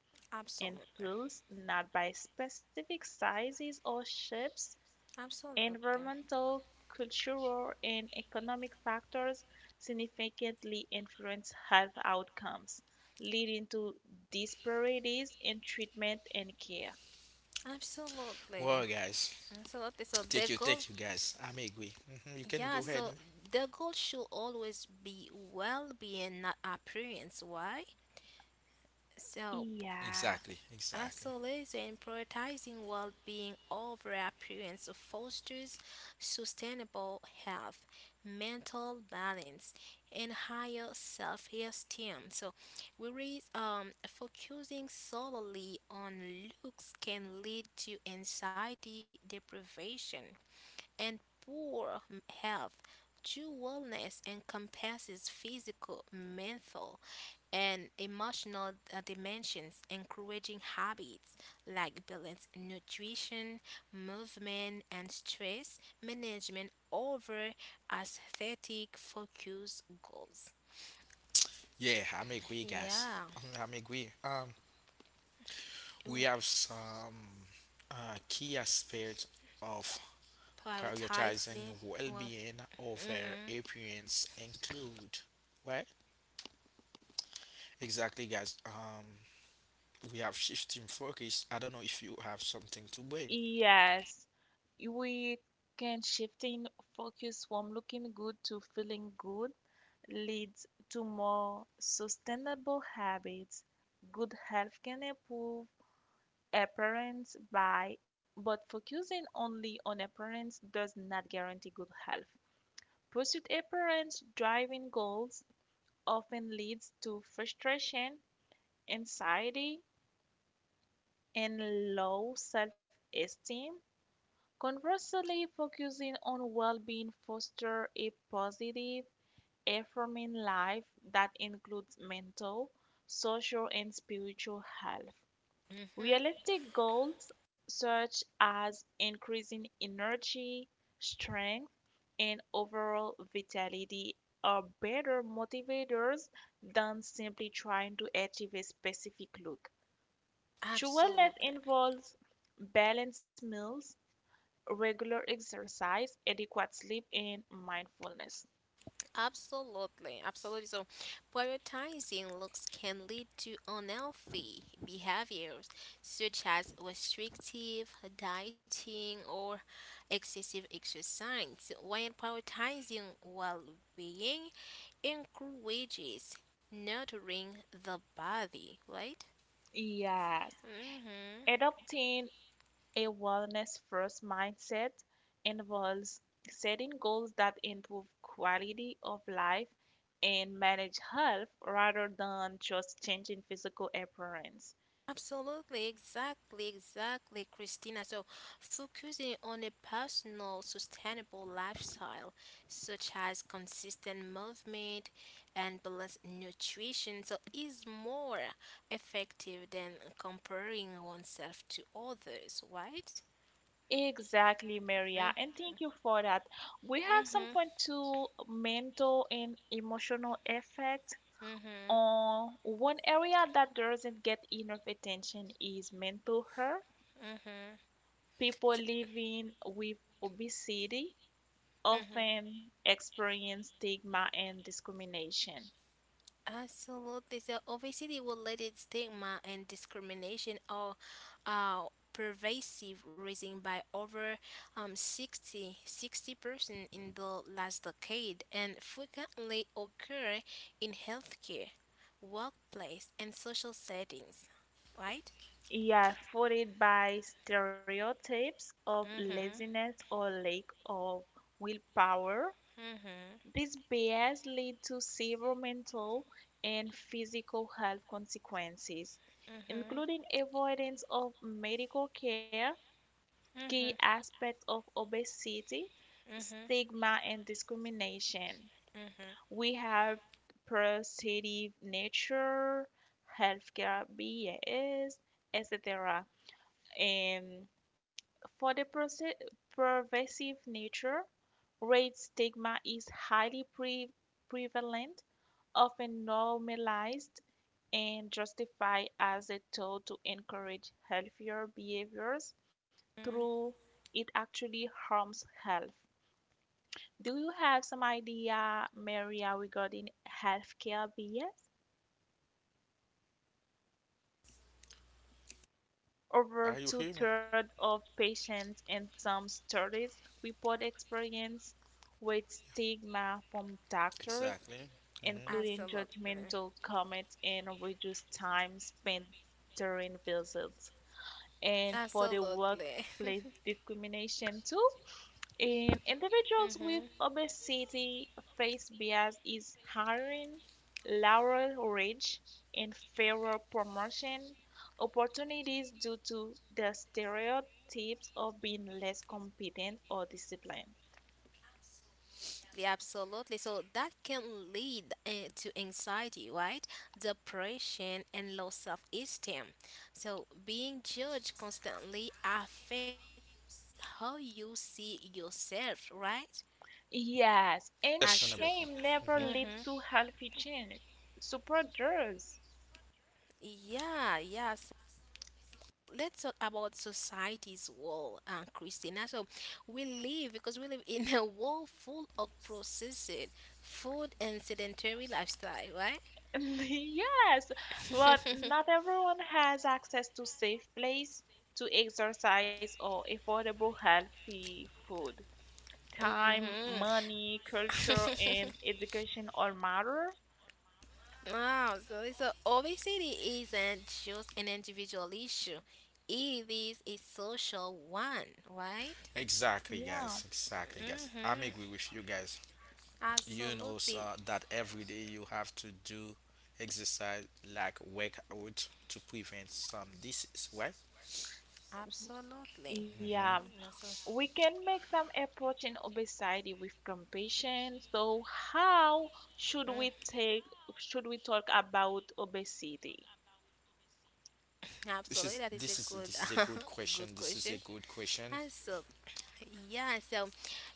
Speaker 3: and
Speaker 2: Absolutely.
Speaker 3: feels, not by specific sizes or shapes.
Speaker 2: Absolutely.
Speaker 3: Environmental, cultural, and economic factors significantly influence health outcomes, leading to disparities in treatment and care.
Speaker 2: Absolutely.
Speaker 1: Well, guys,
Speaker 2: Absolutely. So the goal,
Speaker 1: take you, guys. I'm agree. You can
Speaker 2: yeah,
Speaker 1: go
Speaker 3: Mhm.
Speaker 1: ahead.
Speaker 2: so
Speaker 1: Ma-
Speaker 2: the goal should always be well-being, not appearance. Why? So
Speaker 3: Yeah.
Speaker 1: exactly, exactly.
Speaker 2: Isolation prioritizing well being over appearance fosters sustainable health, mental balance, and higher self esteem. So, whereas focusing solely on looks can lead to anxiety, deprivation, and poor health. True wellness encompasses physical, mental, and emotional dimensions, encouraging habits like balanced nutrition, movement, and stress management over aesthetic focus goals.
Speaker 1: Yeah, I'm agree, guys.
Speaker 2: Yeah,
Speaker 1: *laughs* I'm agree. We have some key aspects of prioritizing
Speaker 2: prioritizing. Well,
Speaker 1: well-being over
Speaker 2: mm-hmm,
Speaker 1: appearance include, right? Exactly, guys. Um, we have shifting focus, I don't know if you have something to bring.
Speaker 3: Yes. We can shifting focus from looking good to feeling good leads to more sustainable habits. Good health can improve appearance by, but focusing only on appearance does not guarantee good health. Pursuit appearance driving goals often leads to frustration, anxiety, and low self esteem. Conversely, focusing on well being fosters a positive affirming life that includes mental, social, and spiritual health.
Speaker 2: mm-hmm,
Speaker 3: Realistic goals such as increasing energy, strength, and overall vitality are better motivators than simply trying to achieve a specific look. True wellness
Speaker 2: absolutely.
Speaker 3: involves balanced meals, regular exercise, adequate sleep, and mindfulness.
Speaker 2: Absolutely, absolutely. So, prioritizing looks can lead to unhealthy behaviors such as restrictive dieting or excessive exercise, while prioritizing well being encourages nurturing the body, right?
Speaker 3: Yes.
Speaker 2: Mm-hmm.
Speaker 3: Adopting a wellness first mindset involves setting goals that improve quality of life and manage health rather than just changing physical appearance.
Speaker 2: Absolutely, exactly, exactly, Christina. So, focusing on a personal, sustainable lifestyle, such as consistent movement and balanced nutrition, so is more effective than comparing oneself to others, right?
Speaker 3: Exactly,
Speaker 2: Mm-hmm,
Speaker 3: Maria. And thank you for that. We have some
Speaker 2: mm-hmm,
Speaker 3: point to mental and emotional effect
Speaker 2: mm-hmm.
Speaker 3: on one area that doesn't get enough attention is mental health.
Speaker 2: Mm-hmm,
Speaker 3: People
Speaker 2: so,
Speaker 3: living with obesity
Speaker 2: mm-hmm.
Speaker 3: often experience stigma and discrimination.
Speaker 2: Absolutely. So obesity related stigma and discrimination are uh, pervasive, rising by over 60% in the last decade, and frequently occur in healthcare, workplace, and social settings. Right?
Speaker 3: Yeah, followed by stereotypes of
Speaker 2: Mhm.
Speaker 3: laziness or lack of willpower.
Speaker 2: Mhm.
Speaker 3: These biases lead to severe mental and physical health consequences,
Speaker 2: Mhm.
Speaker 3: including avoidance of medical care, key aspects of obesity,
Speaker 2: Mhm. Mhm.
Speaker 3: stigma, and discrimination. We have positive nature, healthcare BAs, etc. And for the pervasive nature, race stigma is highly prevalent, often normalized and justified as a tool to encourage healthier behaviors
Speaker 2: Mhm.
Speaker 3: through it actually harms health. Do you have some idea, Maria, regarding healthcare BA?
Speaker 1: Are
Speaker 3: Over
Speaker 1: you
Speaker 3: two
Speaker 1: here?
Speaker 3: thirds of patients in some studies report experience with stigma from doctors,
Speaker 1: Exactly. Mm-hmm.
Speaker 3: including
Speaker 2: Absolutely.
Speaker 3: judgmental comments and reduced time spent during visits. And for the
Speaker 2: Absolutely.
Speaker 3: workplace
Speaker 2: *laughs*
Speaker 3: discrimination, too, in
Speaker 2: Mm-hmm.
Speaker 3: individuals with obesity face bias is hiring, lower wage, and fairer promotion opportunities due to the stereotypes of being less competent or disciplined.
Speaker 2: Absolutely, absolutely. So that can lead to anxiety, right? Depression and low self-esteem. So being judged constantly affect how you see yourself, right?
Speaker 3: Yes,
Speaker 2: As
Speaker 3: and
Speaker 1: Sustainable.
Speaker 3: shame
Speaker 2: mm-hmm.
Speaker 3: never
Speaker 1: Mm-hmm.
Speaker 3: leads to healthy change. Super does.
Speaker 2: Yeah, yeah. Let's talk about society's wall, Christina. So we live in a world full of processed food and sedentary lifestyle, right?
Speaker 3: *laughs* Yes, but not
Speaker 2: *laughs*
Speaker 3: everyone has access to safe place to exercise or affordable healthy food. Time,
Speaker 2: Hmm.
Speaker 3: money, culture,
Speaker 2: *laughs*
Speaker 3: and education all matter.
Speaker 2: Wow. So, so obesity isn't just an individual issue. It is a social one, right?
Speaker 1: Exactly,
Speaker 3: Yeah,
Speaker 1: guys. Exactly, guys.
Speaker 2: Mm-hmm.
Speaker 1: I'm agree with you guys. You know sir,
Speaker 2: Absolutely.
Speaker 1: that every day you have to do exercise like workout to prevent some disease, right?
Speaker 2: Absolutely.
Speaker 3: yeah.
Speaker 1: Mm-hmm.
Speaker 2: Mm, that's a-
Speaker 3: We can make some approach in obesity with compassion. So how
Speaker 2: mm,
Speaker 3: should we take should we talk about obesity?
Speaker 2: absolutely, that is a good,
Speaker 1: This is a
Speaker 2: *laughs*
Speaker 1: good
Speaker 2: good
Speaker 1: question. This is
Speaker 2: question.
Speaker 1: a good question.
Speaker 2: Ah, so yeah, so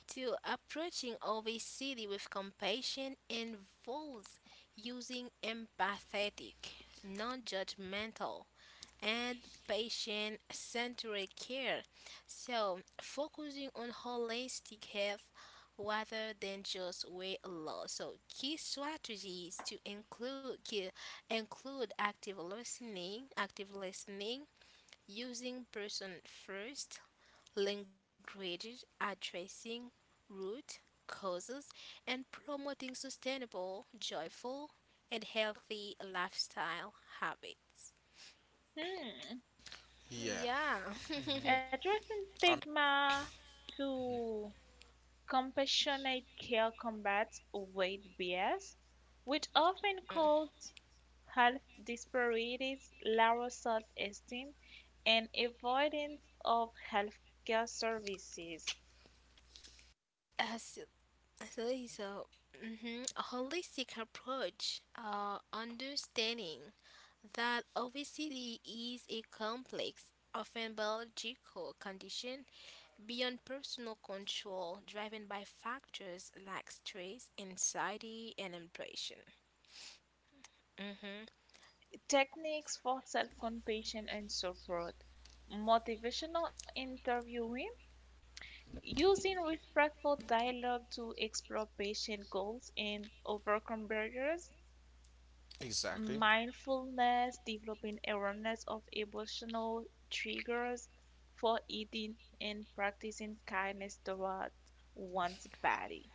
Speaker 2: to approaching obesity with compassion involves using empathetic, non-judgmental, and patient centered care. So focusing on holistic health rather than just weight loss. So key strategies to include key, include active listening, using person first languages, addressing root causes, and promoting sustainable, joyful, and healthy lifestyle habits.
Speaker 3: Hmm.
Speaker 1: Yeah.
Speaker 2: Yeah. *laughs*
Speaker 1: Mhm.
Speaker 3: Addressing
Speaker 1: Um,
Speaker 3: stigma. To Compassionate care combats weight bias, which often causes health disparities, lower self esteem, and avoidance of healthcare services.
Speaker 2: Uh, so, so mhm, a holistic approach, understanding that obesity is a complex, often biological condition Beyond personal control, driven by factors like stress, anxiety, and depression. Hmm.
Speaker 3: Techniques for self compassion and support motivational interviewing, using respectful dialogue to explore patient goals and overcome barriers
Speaker 1: exactly.
Speaker 3: mindfulness, developing awareness of emotional triggers for eating, and practicing kindness towards one's body.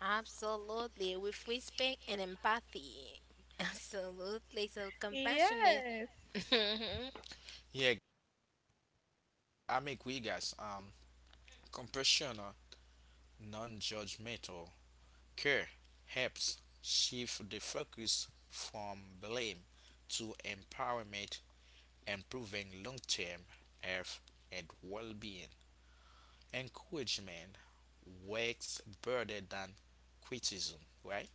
Speaker 2: Absolutely, with respect and empathy. *laughs* Absolutely, so compassionate. *laughs*
Speaker 3: Yes.
Speaker 2: Mhm.
Speaker 1: Yeah, I'm agree, guys. Compassion, non-judgmental care helps shift the focus from blame to empowerment, improving long-term health and well-being. Encouragement works better than criticism. Right?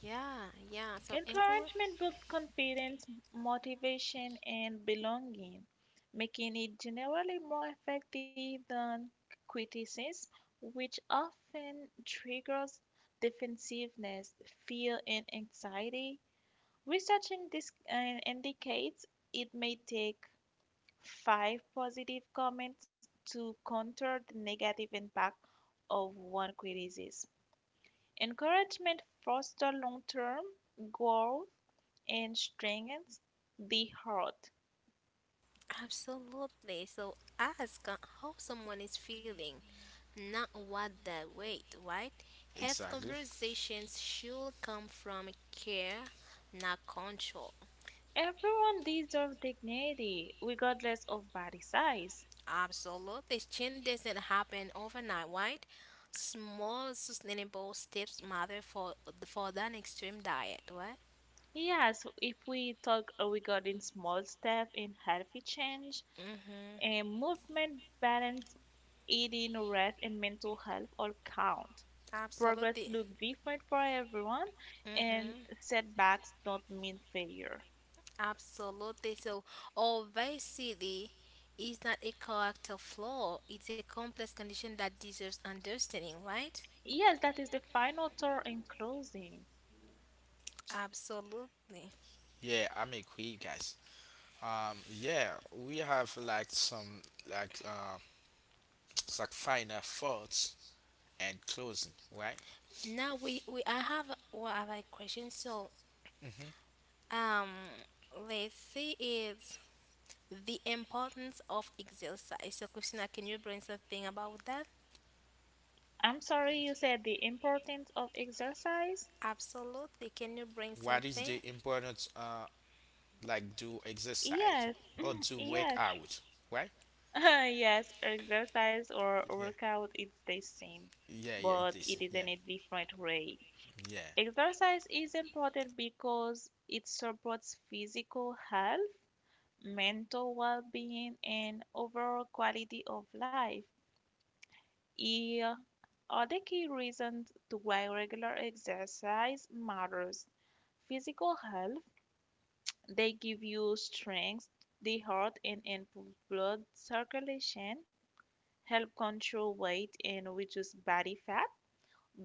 Speaker 2: Yeah, yeah, so encourage.
Speaker 3: Encouragement builds confidence, motivation, and belonging, making it generally more effective than criticism, which often triggers defensiveness, fear, and anxiety. Researching this indicates it may take five positive comments to counter the negative impact of one criticism. Encouragement fosters long term growth and strengthens the heart.
Speaker 2: Absolutely. So ask how someone is feeling, not what they weight, right? Health
Speaker 1: Exactly.
Speaker 2: conversations should come from care, not control.
Speaker 3: Everyone deserves dignity, regardless of body size.
Speaker 2: Absolutely. Change doesn't happen overnight, right? Small sustainable steps matter for that extreme diet, right?
Speaker 3: Yes, if we talk regarding small steps in healthy change
Speaker 2: Mm-hmm.
Speaker 3: and movement balance eating, rest, and mental health all count. Progress
Speaker 2: Absolutely.
Speaker 3: look different for everyone, and
Speaker 2: Mm-hmm.
Speaker 3: setbacks don't mean failure.
Speaker 2: Absolutely. So obesity is not a character flaw. It's a complex condition that deserves understanding, right?
Speaker 3: Yes, that is the final thought in closing.
Speaker 2: Absolutely.
Speaker 1: Yeah, I'm agree, guys. Yeah, we have like some like uh, *tsk* like final thoughts and closing, right?
Speaker 2: Now we I have what have a question. So
Speaker 1: hmm
Speaker 2: um let's see it. The importance of exercise. So, Christina, can you bring something about that?
Speaker 3: I'm sorry you said the importance of exercise.
Speaker 2: Absolutely. Can you bring
Speaker 1: What is
Speaker 2: something?
Speaker 1: the importance? Do exercise
Speaker 3: Yes,
Speaker 1: or do work
Speaker 3: yes,
Speaker 1: out, right?
Speaker 3: *laughs* yes, exercise or
Speaker 1: Yeah,
Speaker 3: workout it's the same,
Speaker 1: yeah, yeah.
Speaker 3: but it
Speaker 1: This,
Speaker 3: is in
Speaker 1: yeah,
Speaker 3: a different way.
Speaker 1: yeah.
Speaker 3: Exercise is important because it supports physical health mental well-being and overall quality of life. Here are the key reasons to why regular exercise matters. Physical health, they give you strength, the heart and improve blood circulation, help control weight and reduce body fat,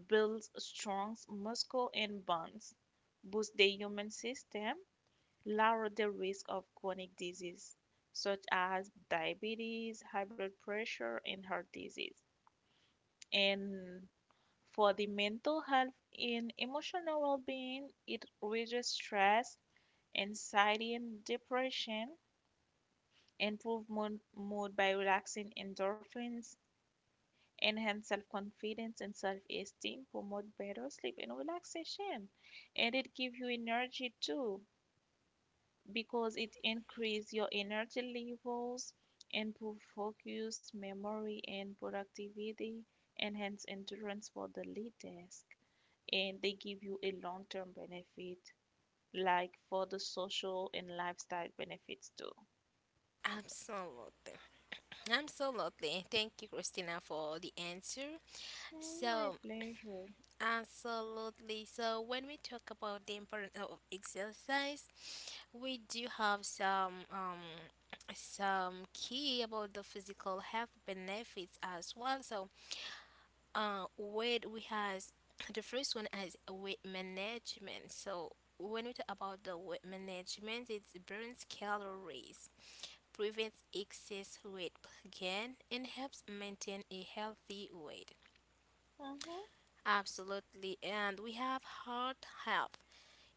Speaker 3: builds strong muscle and bones, boost the human system, lower the risk of chronic disease such as diabetes, high blood pressure, and heart disease. And for the mental health and emotional well being, it reduces stress, anxiety, and depression, improve mood, mood by relaxing endorphins, enhance self confidence and self esteem, promote better sleep and relaxation, and it gives you energy too, because it increases your energy levels, improve focus, memory, and productivity, enhance endurance for the lead desk, and they give you a long-term benefit, like for the social and lifestyle benefits too.
Speaker 2: Absolutely. Absolutely. Thank you, Christina, for the answer.
Speaker 3: Mm, my
Speaker 2: So,
Speaker 3: pleasure.
Speaker 2: absolutely. So, when we talk about the importance of exercise, we do have some key about the physical health benefits as well. So, word we has *clears throat* the first one is weight management. So when we talk about the weight management, it burns calories, prevents excess weight gain, and helps maintain a healthy weight.
Speaker 3: Mm-hmm.
Speaker 2: Absolutely. And we have heart health.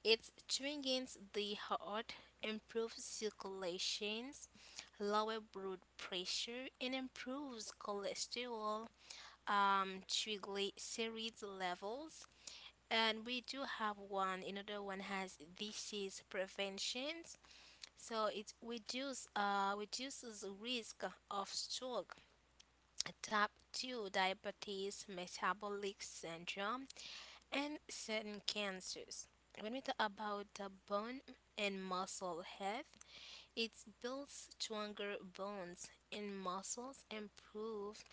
Speaker 2: It strengthens the heart, improves circulations, lower blood pressure, and improves cholesterol, triglycerides levels. And we do have one another one has disease preventions. So it reduces risk of stroke, type 2 diabetes, metabolic syndrome, and certain cancers. When we talk about the bone and muscle health, it builds stronger bones and muscles, improve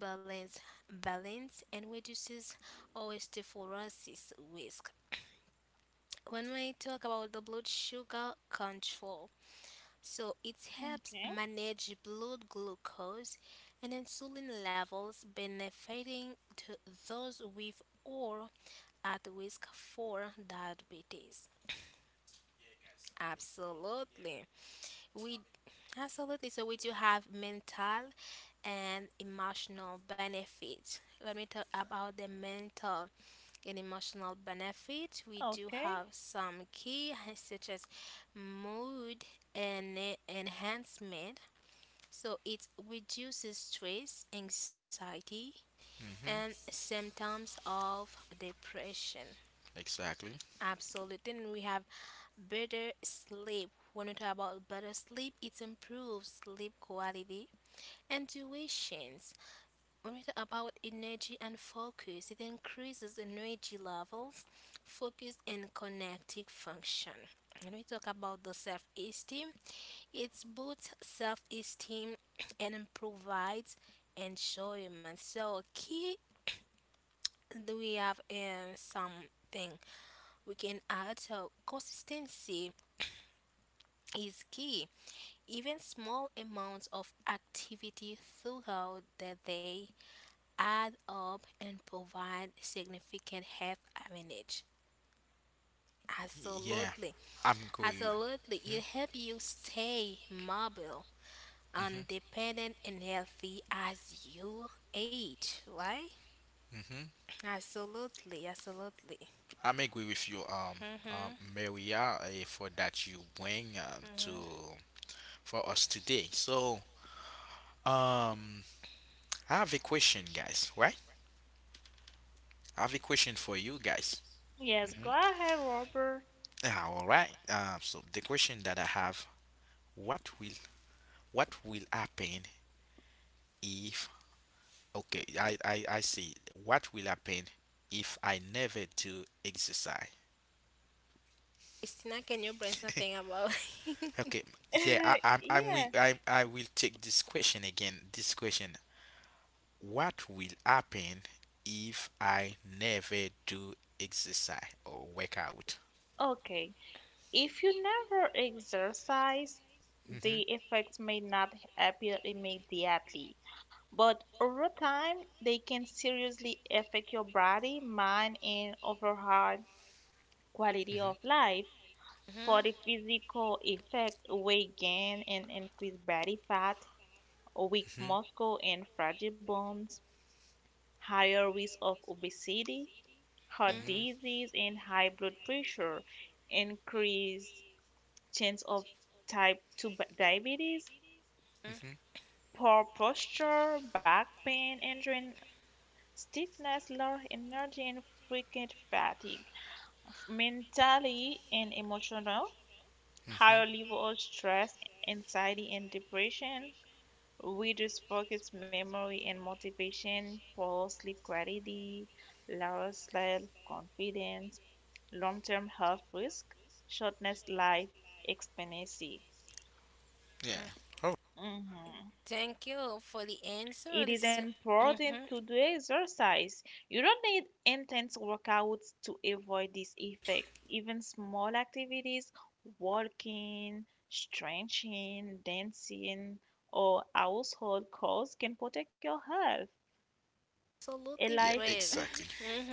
Speaker 2: balance balance, and reduces osteoporosis risk. When we talk about the blood sugar control, so it helps
Speaker 3: Okay.
Speaker 2: manage blood glucose and insulin levels, benefiting to those with or at risk for diabetes. Absolutely. We absolutely, so we do have mental and emotional benefits. Let me talk about the mental and emotional benefit. We do
Speaker 3: Okay.
Speaker 2: have some key *laughs* such as mood and enhancement. So it reduces stress, anxiety, and
Speaker 1: hmm
Speaker 2: symptoms of depression.
Speaker 1: Exactly.
Speaker 2: Absolutely. And we have better sleep. When we talk about better sleep, it improves sleep quality and tuitions. Right, about energy and focus, it increases energy levels, focus, and connective function. When we talk about the self esteem, it boosts self esteem *clears throat* and provides enjoyment. So, key do we have something we can add? So, consistency is key. Even small amounts of activity throughout the day add up and provide significant health advantage.
Speaker 1: Yeah,
Speaker 2: Absolutely.
Speaker 1: I'm going.
Speaker 2: Absolutely.
Speaker 1: hmm
Speaker 2: It helps you stay mobile, independent, and healthy as you age, right?
Speaker 1: hmm
Speaker 2: Absolutely. Absolutely.
Speaker 1: I'm agree with you,
Speaker 2: Mm-hmm.
Speaker 1: Maria, for that you bring
Speaker 2: Mm-hmm.
Speaker 1: to for us today. So um, I have a question, guys. Right? I have a question for you guys.
Speaker 3: Yes,
Speaker 1: Mm-hmm.
Speaker 3: go ahead, Robert.
Speaker 1: Yeah, all right. So the question that I have: what will what will happen if? Okay, I see. What will happen if I never do exercise?
Speaker 2: Christina, can you bring something about? *laughs*
Speaker 1: *laughs* Okay, yeah. I
Speaker 3: *laughs*
Speaker 1: I'm will
Speaker 3: Yeah.
Speaker 1: I will take this question again. This question: what will happen if I never do exercise or workout?
Speaker 3: Okay. If you never exercise,
Speaker 1: Mm-hmm.
Speaker 3: the effects may not appear immediately, but over time, they can seriously affect your body, mind, and overall quality of
Speaker 1: Mm-hmm.
Speaker 3: life. For
Speaker 2: Mhm,
Speaker 3: the physical effect, weight gain and increased body fat, weak
Speaker 1: Mm-hmm.
Speaker 3: muscle and fragile bones, higher risk of obesity, heart disease, and high blood pressure, increased chance of type 2 diabetes,
Speaker 2: mhm,
Speaker 1: hmm
Speaker 3: poor posture, back pain, injury, stiffness, low energy, and frequent fatigue. Mentally and emotional,
Speaker 1: hmm hmm
Speaker 3: higher level of stress, anxiety, and depression, reduced focus, memory, and motivation, poor sleep quality, lower self-confidence, long-term health risk, shortness life expectancy.
Speaker 1: Yeah.
Speaker 2: mhm.
Speaker 1: Oh,
Speaker 3: Hmm.
Speaker 2: Thank you for the answer.
Speaker 3: It is
Speaker 2: This is mm-hmm.
Speaker 3: important to do exercise. You don't need intense workouts to avoid this effect. Even small activities, walking, stretching, dancing, or household chores can protect your health. A
Speaker 2: Absolutely
Speaker 1: yeah,
Speaker 3: life,
Speaker 2: great.
Speaker 1: exactly.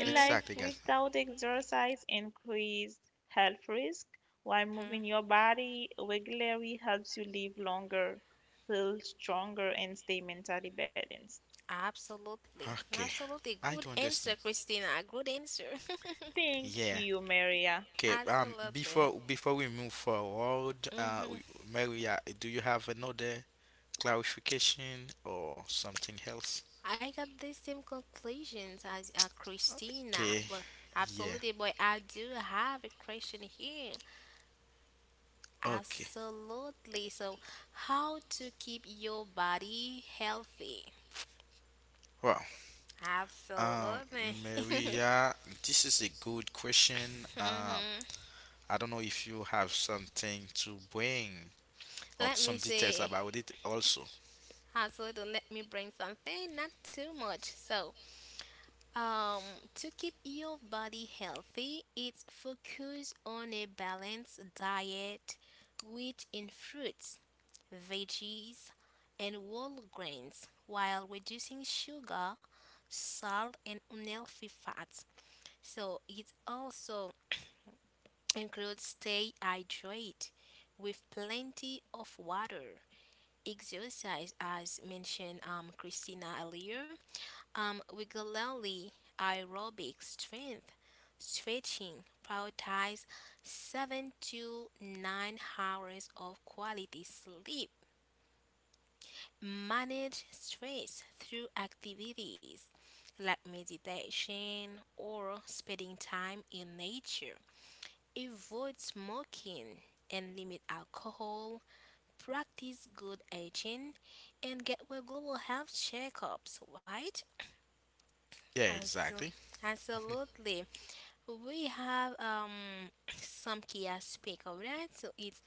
Speaker 3: a life
Speaker 1: Exactly, guys.
Speaker 3: without exercise increases health risk, while moving
Speaker 2: Mm-hmm.
Speaker 3: your body regularly helps you live longer, feel stronger, and stay mentally balanced.
Speaker 2: Absolutely.
Speaker 1: Okay.
Speaker 2: Absolutely.
Speaker 1: I
Speaker 2: Good
Speaker 1: do
Speaker 2: answer,
Speaker 1: understand.
Speaker 2: Christina. Good answer. *laughs*
Speaker 3: Thank
Speaker 1: Yeah.
Speaker 3: you, Maria.
Speaker 1: Okay, um,
Speaker 2: Absolutely.
Speaker 1: before before we move forward,
Speaker 2: Hmm.
Speaker 1: Maria, do you have another clarification or something else?
Speaker 2: I got the same conclusions as Christina,
Speaker 1: Okay.
Speaker 2: but
Speaker 1: Yeah.
Speaker 2: absolutely. But I do have a question here.
Speaker 1: Okay.
Speaker 2: Absolutely. So, how to keep your body healthy?
Speaker 1: Well, um,
Speaker 2: Absolutely. *laughs*
Speaker 1: Maria, this is a good question.
Speaker 2: Hmm.
Speaker 1: I don't know if you have something to bring or
Speaker 2: Let me
Speaker 1: some details
Speaker 2: see.
Speaker 1: about it also.
Speaker 2: Absolutely. Let me bring something, not too much. So, Um, to keep your body healthy, it's focus on a balanced diet rich in fruits, veggies, and whole grains while reducing sugar, salt, and unhealthy fats. So it also includes stay hydrated with plenty of water. Exercise, as mentioned Christina earlier, regularly aerobic strength stretching, prioritize 7 to 9 hours of quality sleep. Manage stress through activities like meditation or spending time in nature. Avoid smoking and limit alcohol. Practice good aging and get regular health checkups, right?
Speaker 1: Yeah,
Speaker 2: As-
Speaker 1: exactly.
Speaker 2: Absolutely. We have *clears throat* some key aspect of that. So it's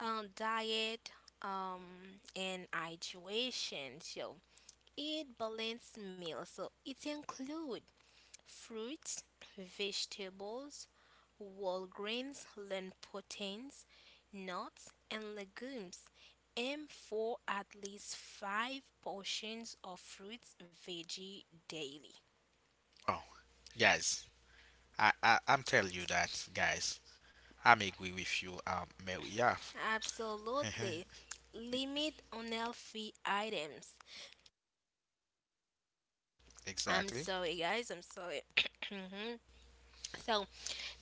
Speaker 2: diet and hydration. So eat balanced meal. So it include fruits, vegetables, whole grains, lean proteins, nuts, and legumes. Aim for at least five portions of fruits veggie daily.
Speaker 1: Oh, guys, I I'm telling you that, guys. I'm agree with you, Mary. Yeah,
Speaker 2: Absolutely.
Speaker 1: *laughs*
Speaker 2: Limit unhealthy items. I'm
Speaker 1: exactly,
Speaker 2: sorry, guys. I'm sorry. *clears throat* Mhm. So,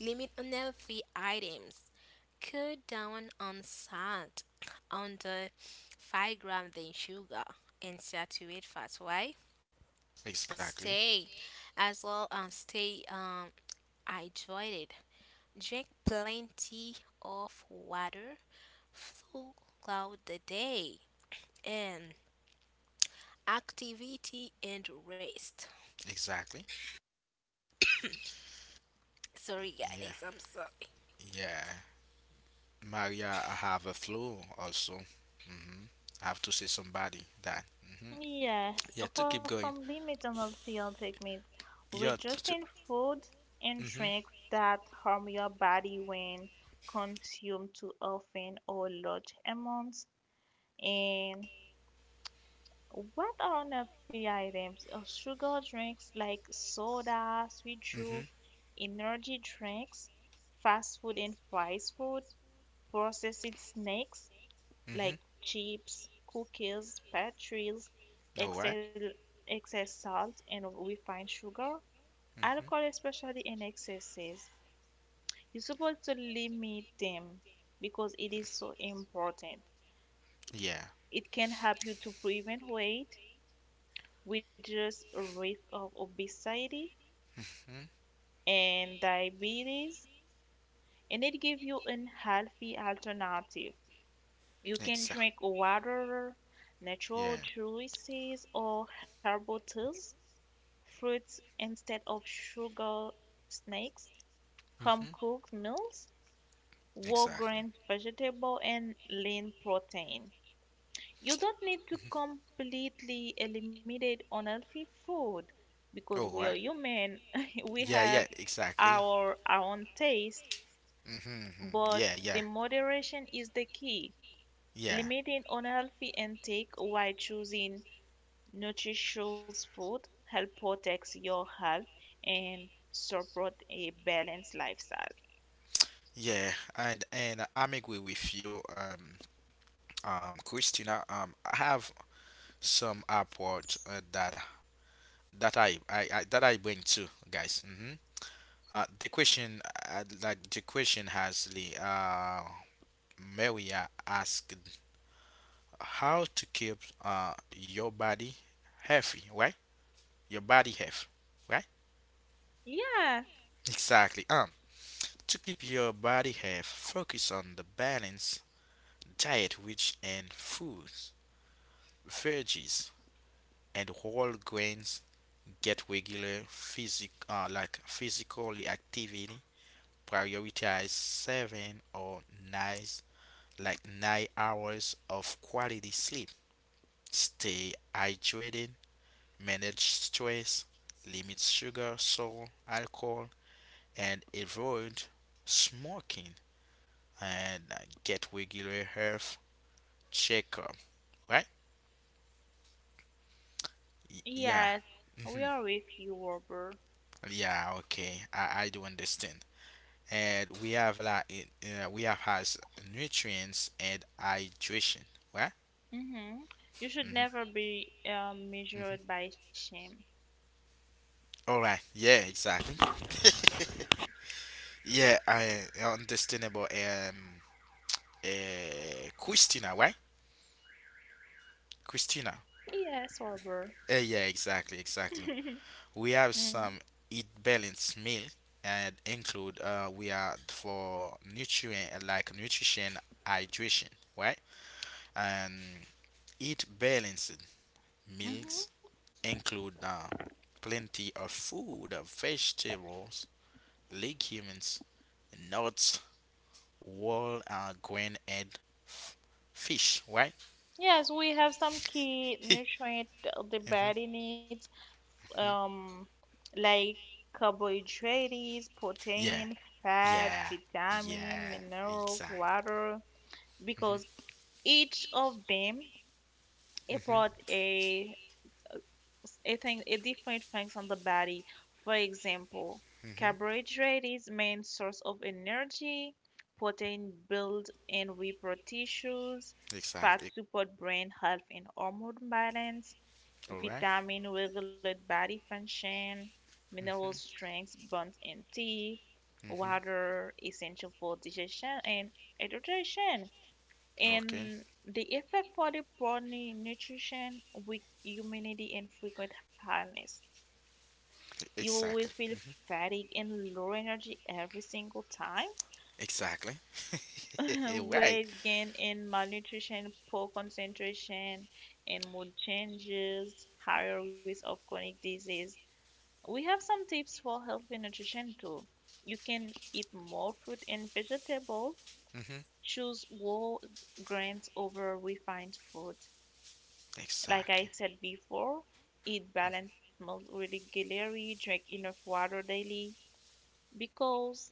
Speaker 2: limit unhealthy items. Cut down on salt, on the 5 grams in sugar, and saturated fats. Why?
Speaker 1: exactly,
Speaker 2: Stay as well. Stay hydrated. Drink plenty of water throughout the day. And activity and rest.
Speaker 1: exactly.
Speaker 2: Sorry,
Speaker 1: Yeah,
Speaker 2: guys, I'm sorry.
Speaker 1: yeah. Maria have a flu also. Mm-hmm. I have to see somebody that. hmm
Speaker 3: Yes,
Speaker 1: Yeah, to
Speaker 3: for
Speaker 1: keep going.
Speaker 3: some limits on those field techniques,
Speaker 1: Yeah, to.
Speaker 3: reducing
Speaker 1: To
Speaker 3: food and
Speaker 1: Mm-hmm.
Speaker 3: drinks that harm your body when consumed too often or large amounts. And what are unhealthy items? Sugar drinks like soda, sweet
Speaker 1: Mm-hmm.
Speaker 3: juice, energy drinks, fast food and fries food, processed snacks,
Speaker 1: Mm-hmm.
Speaker 3: like chips, cookies, pastries,
Speaker 1: All right.
Speaker 3: excess, excess salt, and refined sugar. Alcohol,
Speaker 1: Mm-hmm.
Speaker 3: especially in excesses, you're supposed to limit them because it is so important.
Speaker 1: Yeah.
Speaker 3: It can help you to prevent weight, reduce risk of obesity
Speaker 1: Hmm?
Speaker 3: and diabetes, and it gives you a healthy alternative. You can drink
Speaker 1: Exactly.
Speaker 3: water, natural
Speaker 1: Yeah.
Speaker 3: juices, or herbal teas fruits instead of sugar snacks,
Speaker 1: hmm
Speaker 3: home-cooked meals,
Speaker 1: Exactly.
Speaker 3: whole-grain vegetable, and lean protein. You don't need to
Speaker 1: Mm-hmm.
Speaker 3: completely eliminate unhealthy food because we
Speaker 1: Oh,
Speaker 3: are
Speaker 1: right.
Speaker 3: human. *laughs* We
Speaker 1: Yeah,
Speaker 3: have
Speaker 1: yeah, exactly.
Speaker 3: our own taste,
Speaker 1: Mm-hmm, mm-hmm.
Speaker 3: but
Speaker 1: Yeah,
Speaker 3: the
Speaker 1: yeah,
Speaker 3: moderation is the key.
Speaker 1: yeah,
Speaker 3: Limiting unhealthy intake while choosing nutritious food help protects your health and support a balanced lifestyle.
Speaker 1: yeah. And I'm agree with you, Christina. I have some airports that I bring too, guys. The question, the question has the Maria asked how to keep your body healthy, right? Your body health, right?
Speaker 3: Yeah,
Speaker 1: Exactly. To keep your body health, focus on the balance diet rich in foods, veggies, and whole grains. Get regular physically activity, prioritize seven or nine like nine hours of quality sleep. Stay hydrated, manage stress, limit sugar, salt, alcohol, and avoid smoking, and get regular health checkup. Right? Yeah.
Speaker 3: yes, we
Speaker 1: hmm
Speaker 3: are with you, Robert.
Speaker 1: Yeah. Okay. I do understand. And we have like it- we have has nutrients and hydration. Right?
Speaker 3: Hmm. You should
Speaker 1: hmm
Speaker 3: never be
Speaker 1: hmm
Speaker 3: measured by shame.
Speaker 1: All right. Yeah. Exactly. *laughs* Yeah. I understand about Christina, right? Christina.
Speaker 3: Yes, Robert.
Speaker 1: Yeah. Exactly.
Speaker 3: *laughs*
Speaker 1: Exactly. We have some eat balanced meal and include we are for nutrient like nutrition hydration, right? And eat balanced meals
Speaker 3: Mm-hmm.
Speaker 1: include plenty of vegetables, legumes, nuts, wall green head f- fish, right?
Speaker 3: Yes, we have some key
Speaker 1: *laughs* hmm
Speaker 3: nutrient the body needs, um, like carbohydrates,
Speaker 1: Yeah,
Speaker 3: protein, fat,
Speaker 1: yeah,
Speaker 3: vitamin,
Speaker 1: yeah,
Speaker 3: minerals,
Speaker 1: exact.
Speaker 3: water, because
Speaker 1: hmm
Speaker 3: each of them brought
Speaker 1: hmm
Speaker 3: a thing a different things on the body. For example,
Speaker 1: hmm
Speaker 3: carbohydrate is main source of energy, protein build and repair tissues, fat
Speaker 1: Exactly.
Speaker 3: support brain health and hormone balance,
Speaker 1: All right.
Speaker 3: vitamin regulate body function, mineral
Speaker 1: Mm-hmm.
Speaker 3: strength bones and teeth,
Speaker 1: Mm-hmm.
Speaker 3: water essential for digestion and hydration.
Speaker 1: Okay.
Speaker 3: And the effect for the poor nutrition, weak immunity, and frequent illness. You will
Speaker 1: Exactly.
Speaker 3: feel fatigue and low energy every single time.
Speaker 1: Exactly.
Speaker 3: *laughs*
Speaker 1: *laughs* Right.
Speaker 3: Weight gain and malnutrition, poor concentration, and mood changes, higher risk of chronic disease. We have some tips for healthy nutrition too. You can eat more fruit and vegetables.
Speaker 1: Mm-hmm.
Speaker 3: Choose whole grains over refined food. Like I
Speaker 1: Exactly.
Speaker 3: said before, eat balanced meals really regularly, drink enough water daily because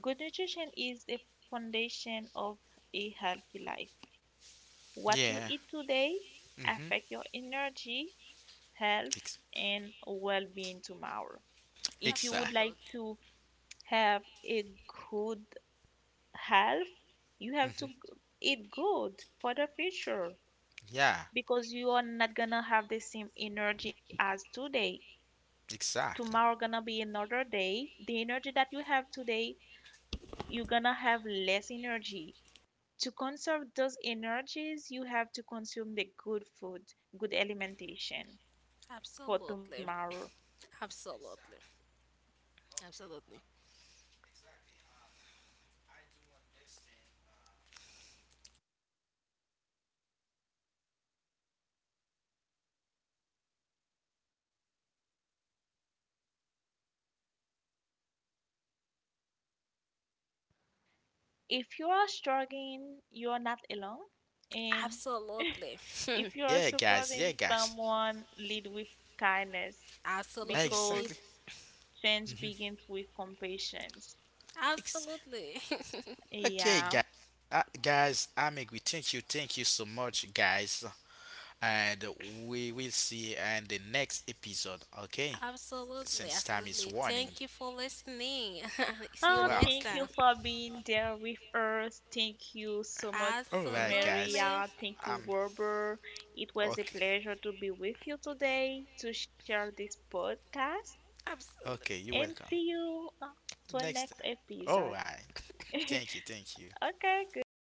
Speaker 3: good nutrition is the foundation of a healthy life. What you
Speaker 1: Yeah.
Speaker 3: eat today
Speaker 1: Mm-hmm.
Speaker 3: affect your energy, health
Speaker 1: Ex-
Speaker 3: and well-being tomorrow. If you would
Speaker 1: exactly.
Speaker 3: like
Speaker 2: Absolutely,
Speaker 3: to have a good health, you have to
Speaker 1: Mm-hmm.
Speaker 3: eat good for the future
Speaker 1: Yeah.
Speaker 3: because you are not gonna have the same energy as today.
Speaker 1: Exactly.
Speaker 3: Tomorrow gonna be another day, the energy that you have today, you're gonna have less energy. To conserve those energies you have to consume the good food, good alimentation for
Speaker 2: absolutely,
Speaker 3: tomorrow.
Speaker 2: absolutely, absolutely,
Speaker 3: If you are struggling you are not alone, and
Speaker 2: absolutely, *laughs*
Speaker 3: if you're
Speaker 1: Yeah, guys. Yeah,
Speaker 3: supporting
Speaker 1: guys.
Speaker 3: someone lead with kindness
Speaker 2: absolutely,
Speaker 3: because
Speaker 1: Exactly.
Speaker 3: change
Speaker 1: Mm-hmm.
Speaker 3: begins with compassion.
Speaker 2: absolutely,
Speaker 1: Okay,
Speaker 3: Yeah.
Speaker 1: guys. Guys, I'm agree. Thank you so much, guys. And we will see you in the next episode.
Speaker 2: *laughs*
Speaker 1: Okay,
Speaker 2: absolutely,
Speaker 1: since time is
Speaker 2: absolutely.
Speaker 1: warning.
Speaker 2: Thank you for listening. *laughs* See
Speaker 3: Oh,
Speaker 2: you
Speaker 1: Well,
Speaker 2: next
Speaker 3: thank
Speaker 1: okay.
Speaker 3: you
Speaker 2: time.
Speaker 3: for being there with us. Thank you so much,
Speaker 1: All right, guys.
Speaker 2: Absolutely,
Speaker 3: Maria. Thank you,
Speaker 1: Um.
Speaker 3: Robert. It was a
Speaker 1: Okay.
Speaker 3: pleasure to be with you today to share this podcast
Speaker 1: Okay.
Speaker 2: absolutely.
Speaker 1: You're
Speaker 3: and
Speaker 1: welcome.
Speaker 3: see you to the
Speaker 1: Next.
Speaker 3: next
Speaker 1: All
Speaker 3: episode.
Speaker 1: right.
Speaker 3: *laughs*
Speaker 1: Thank you. Thank you.
Speaker 3: Okay, goodbye.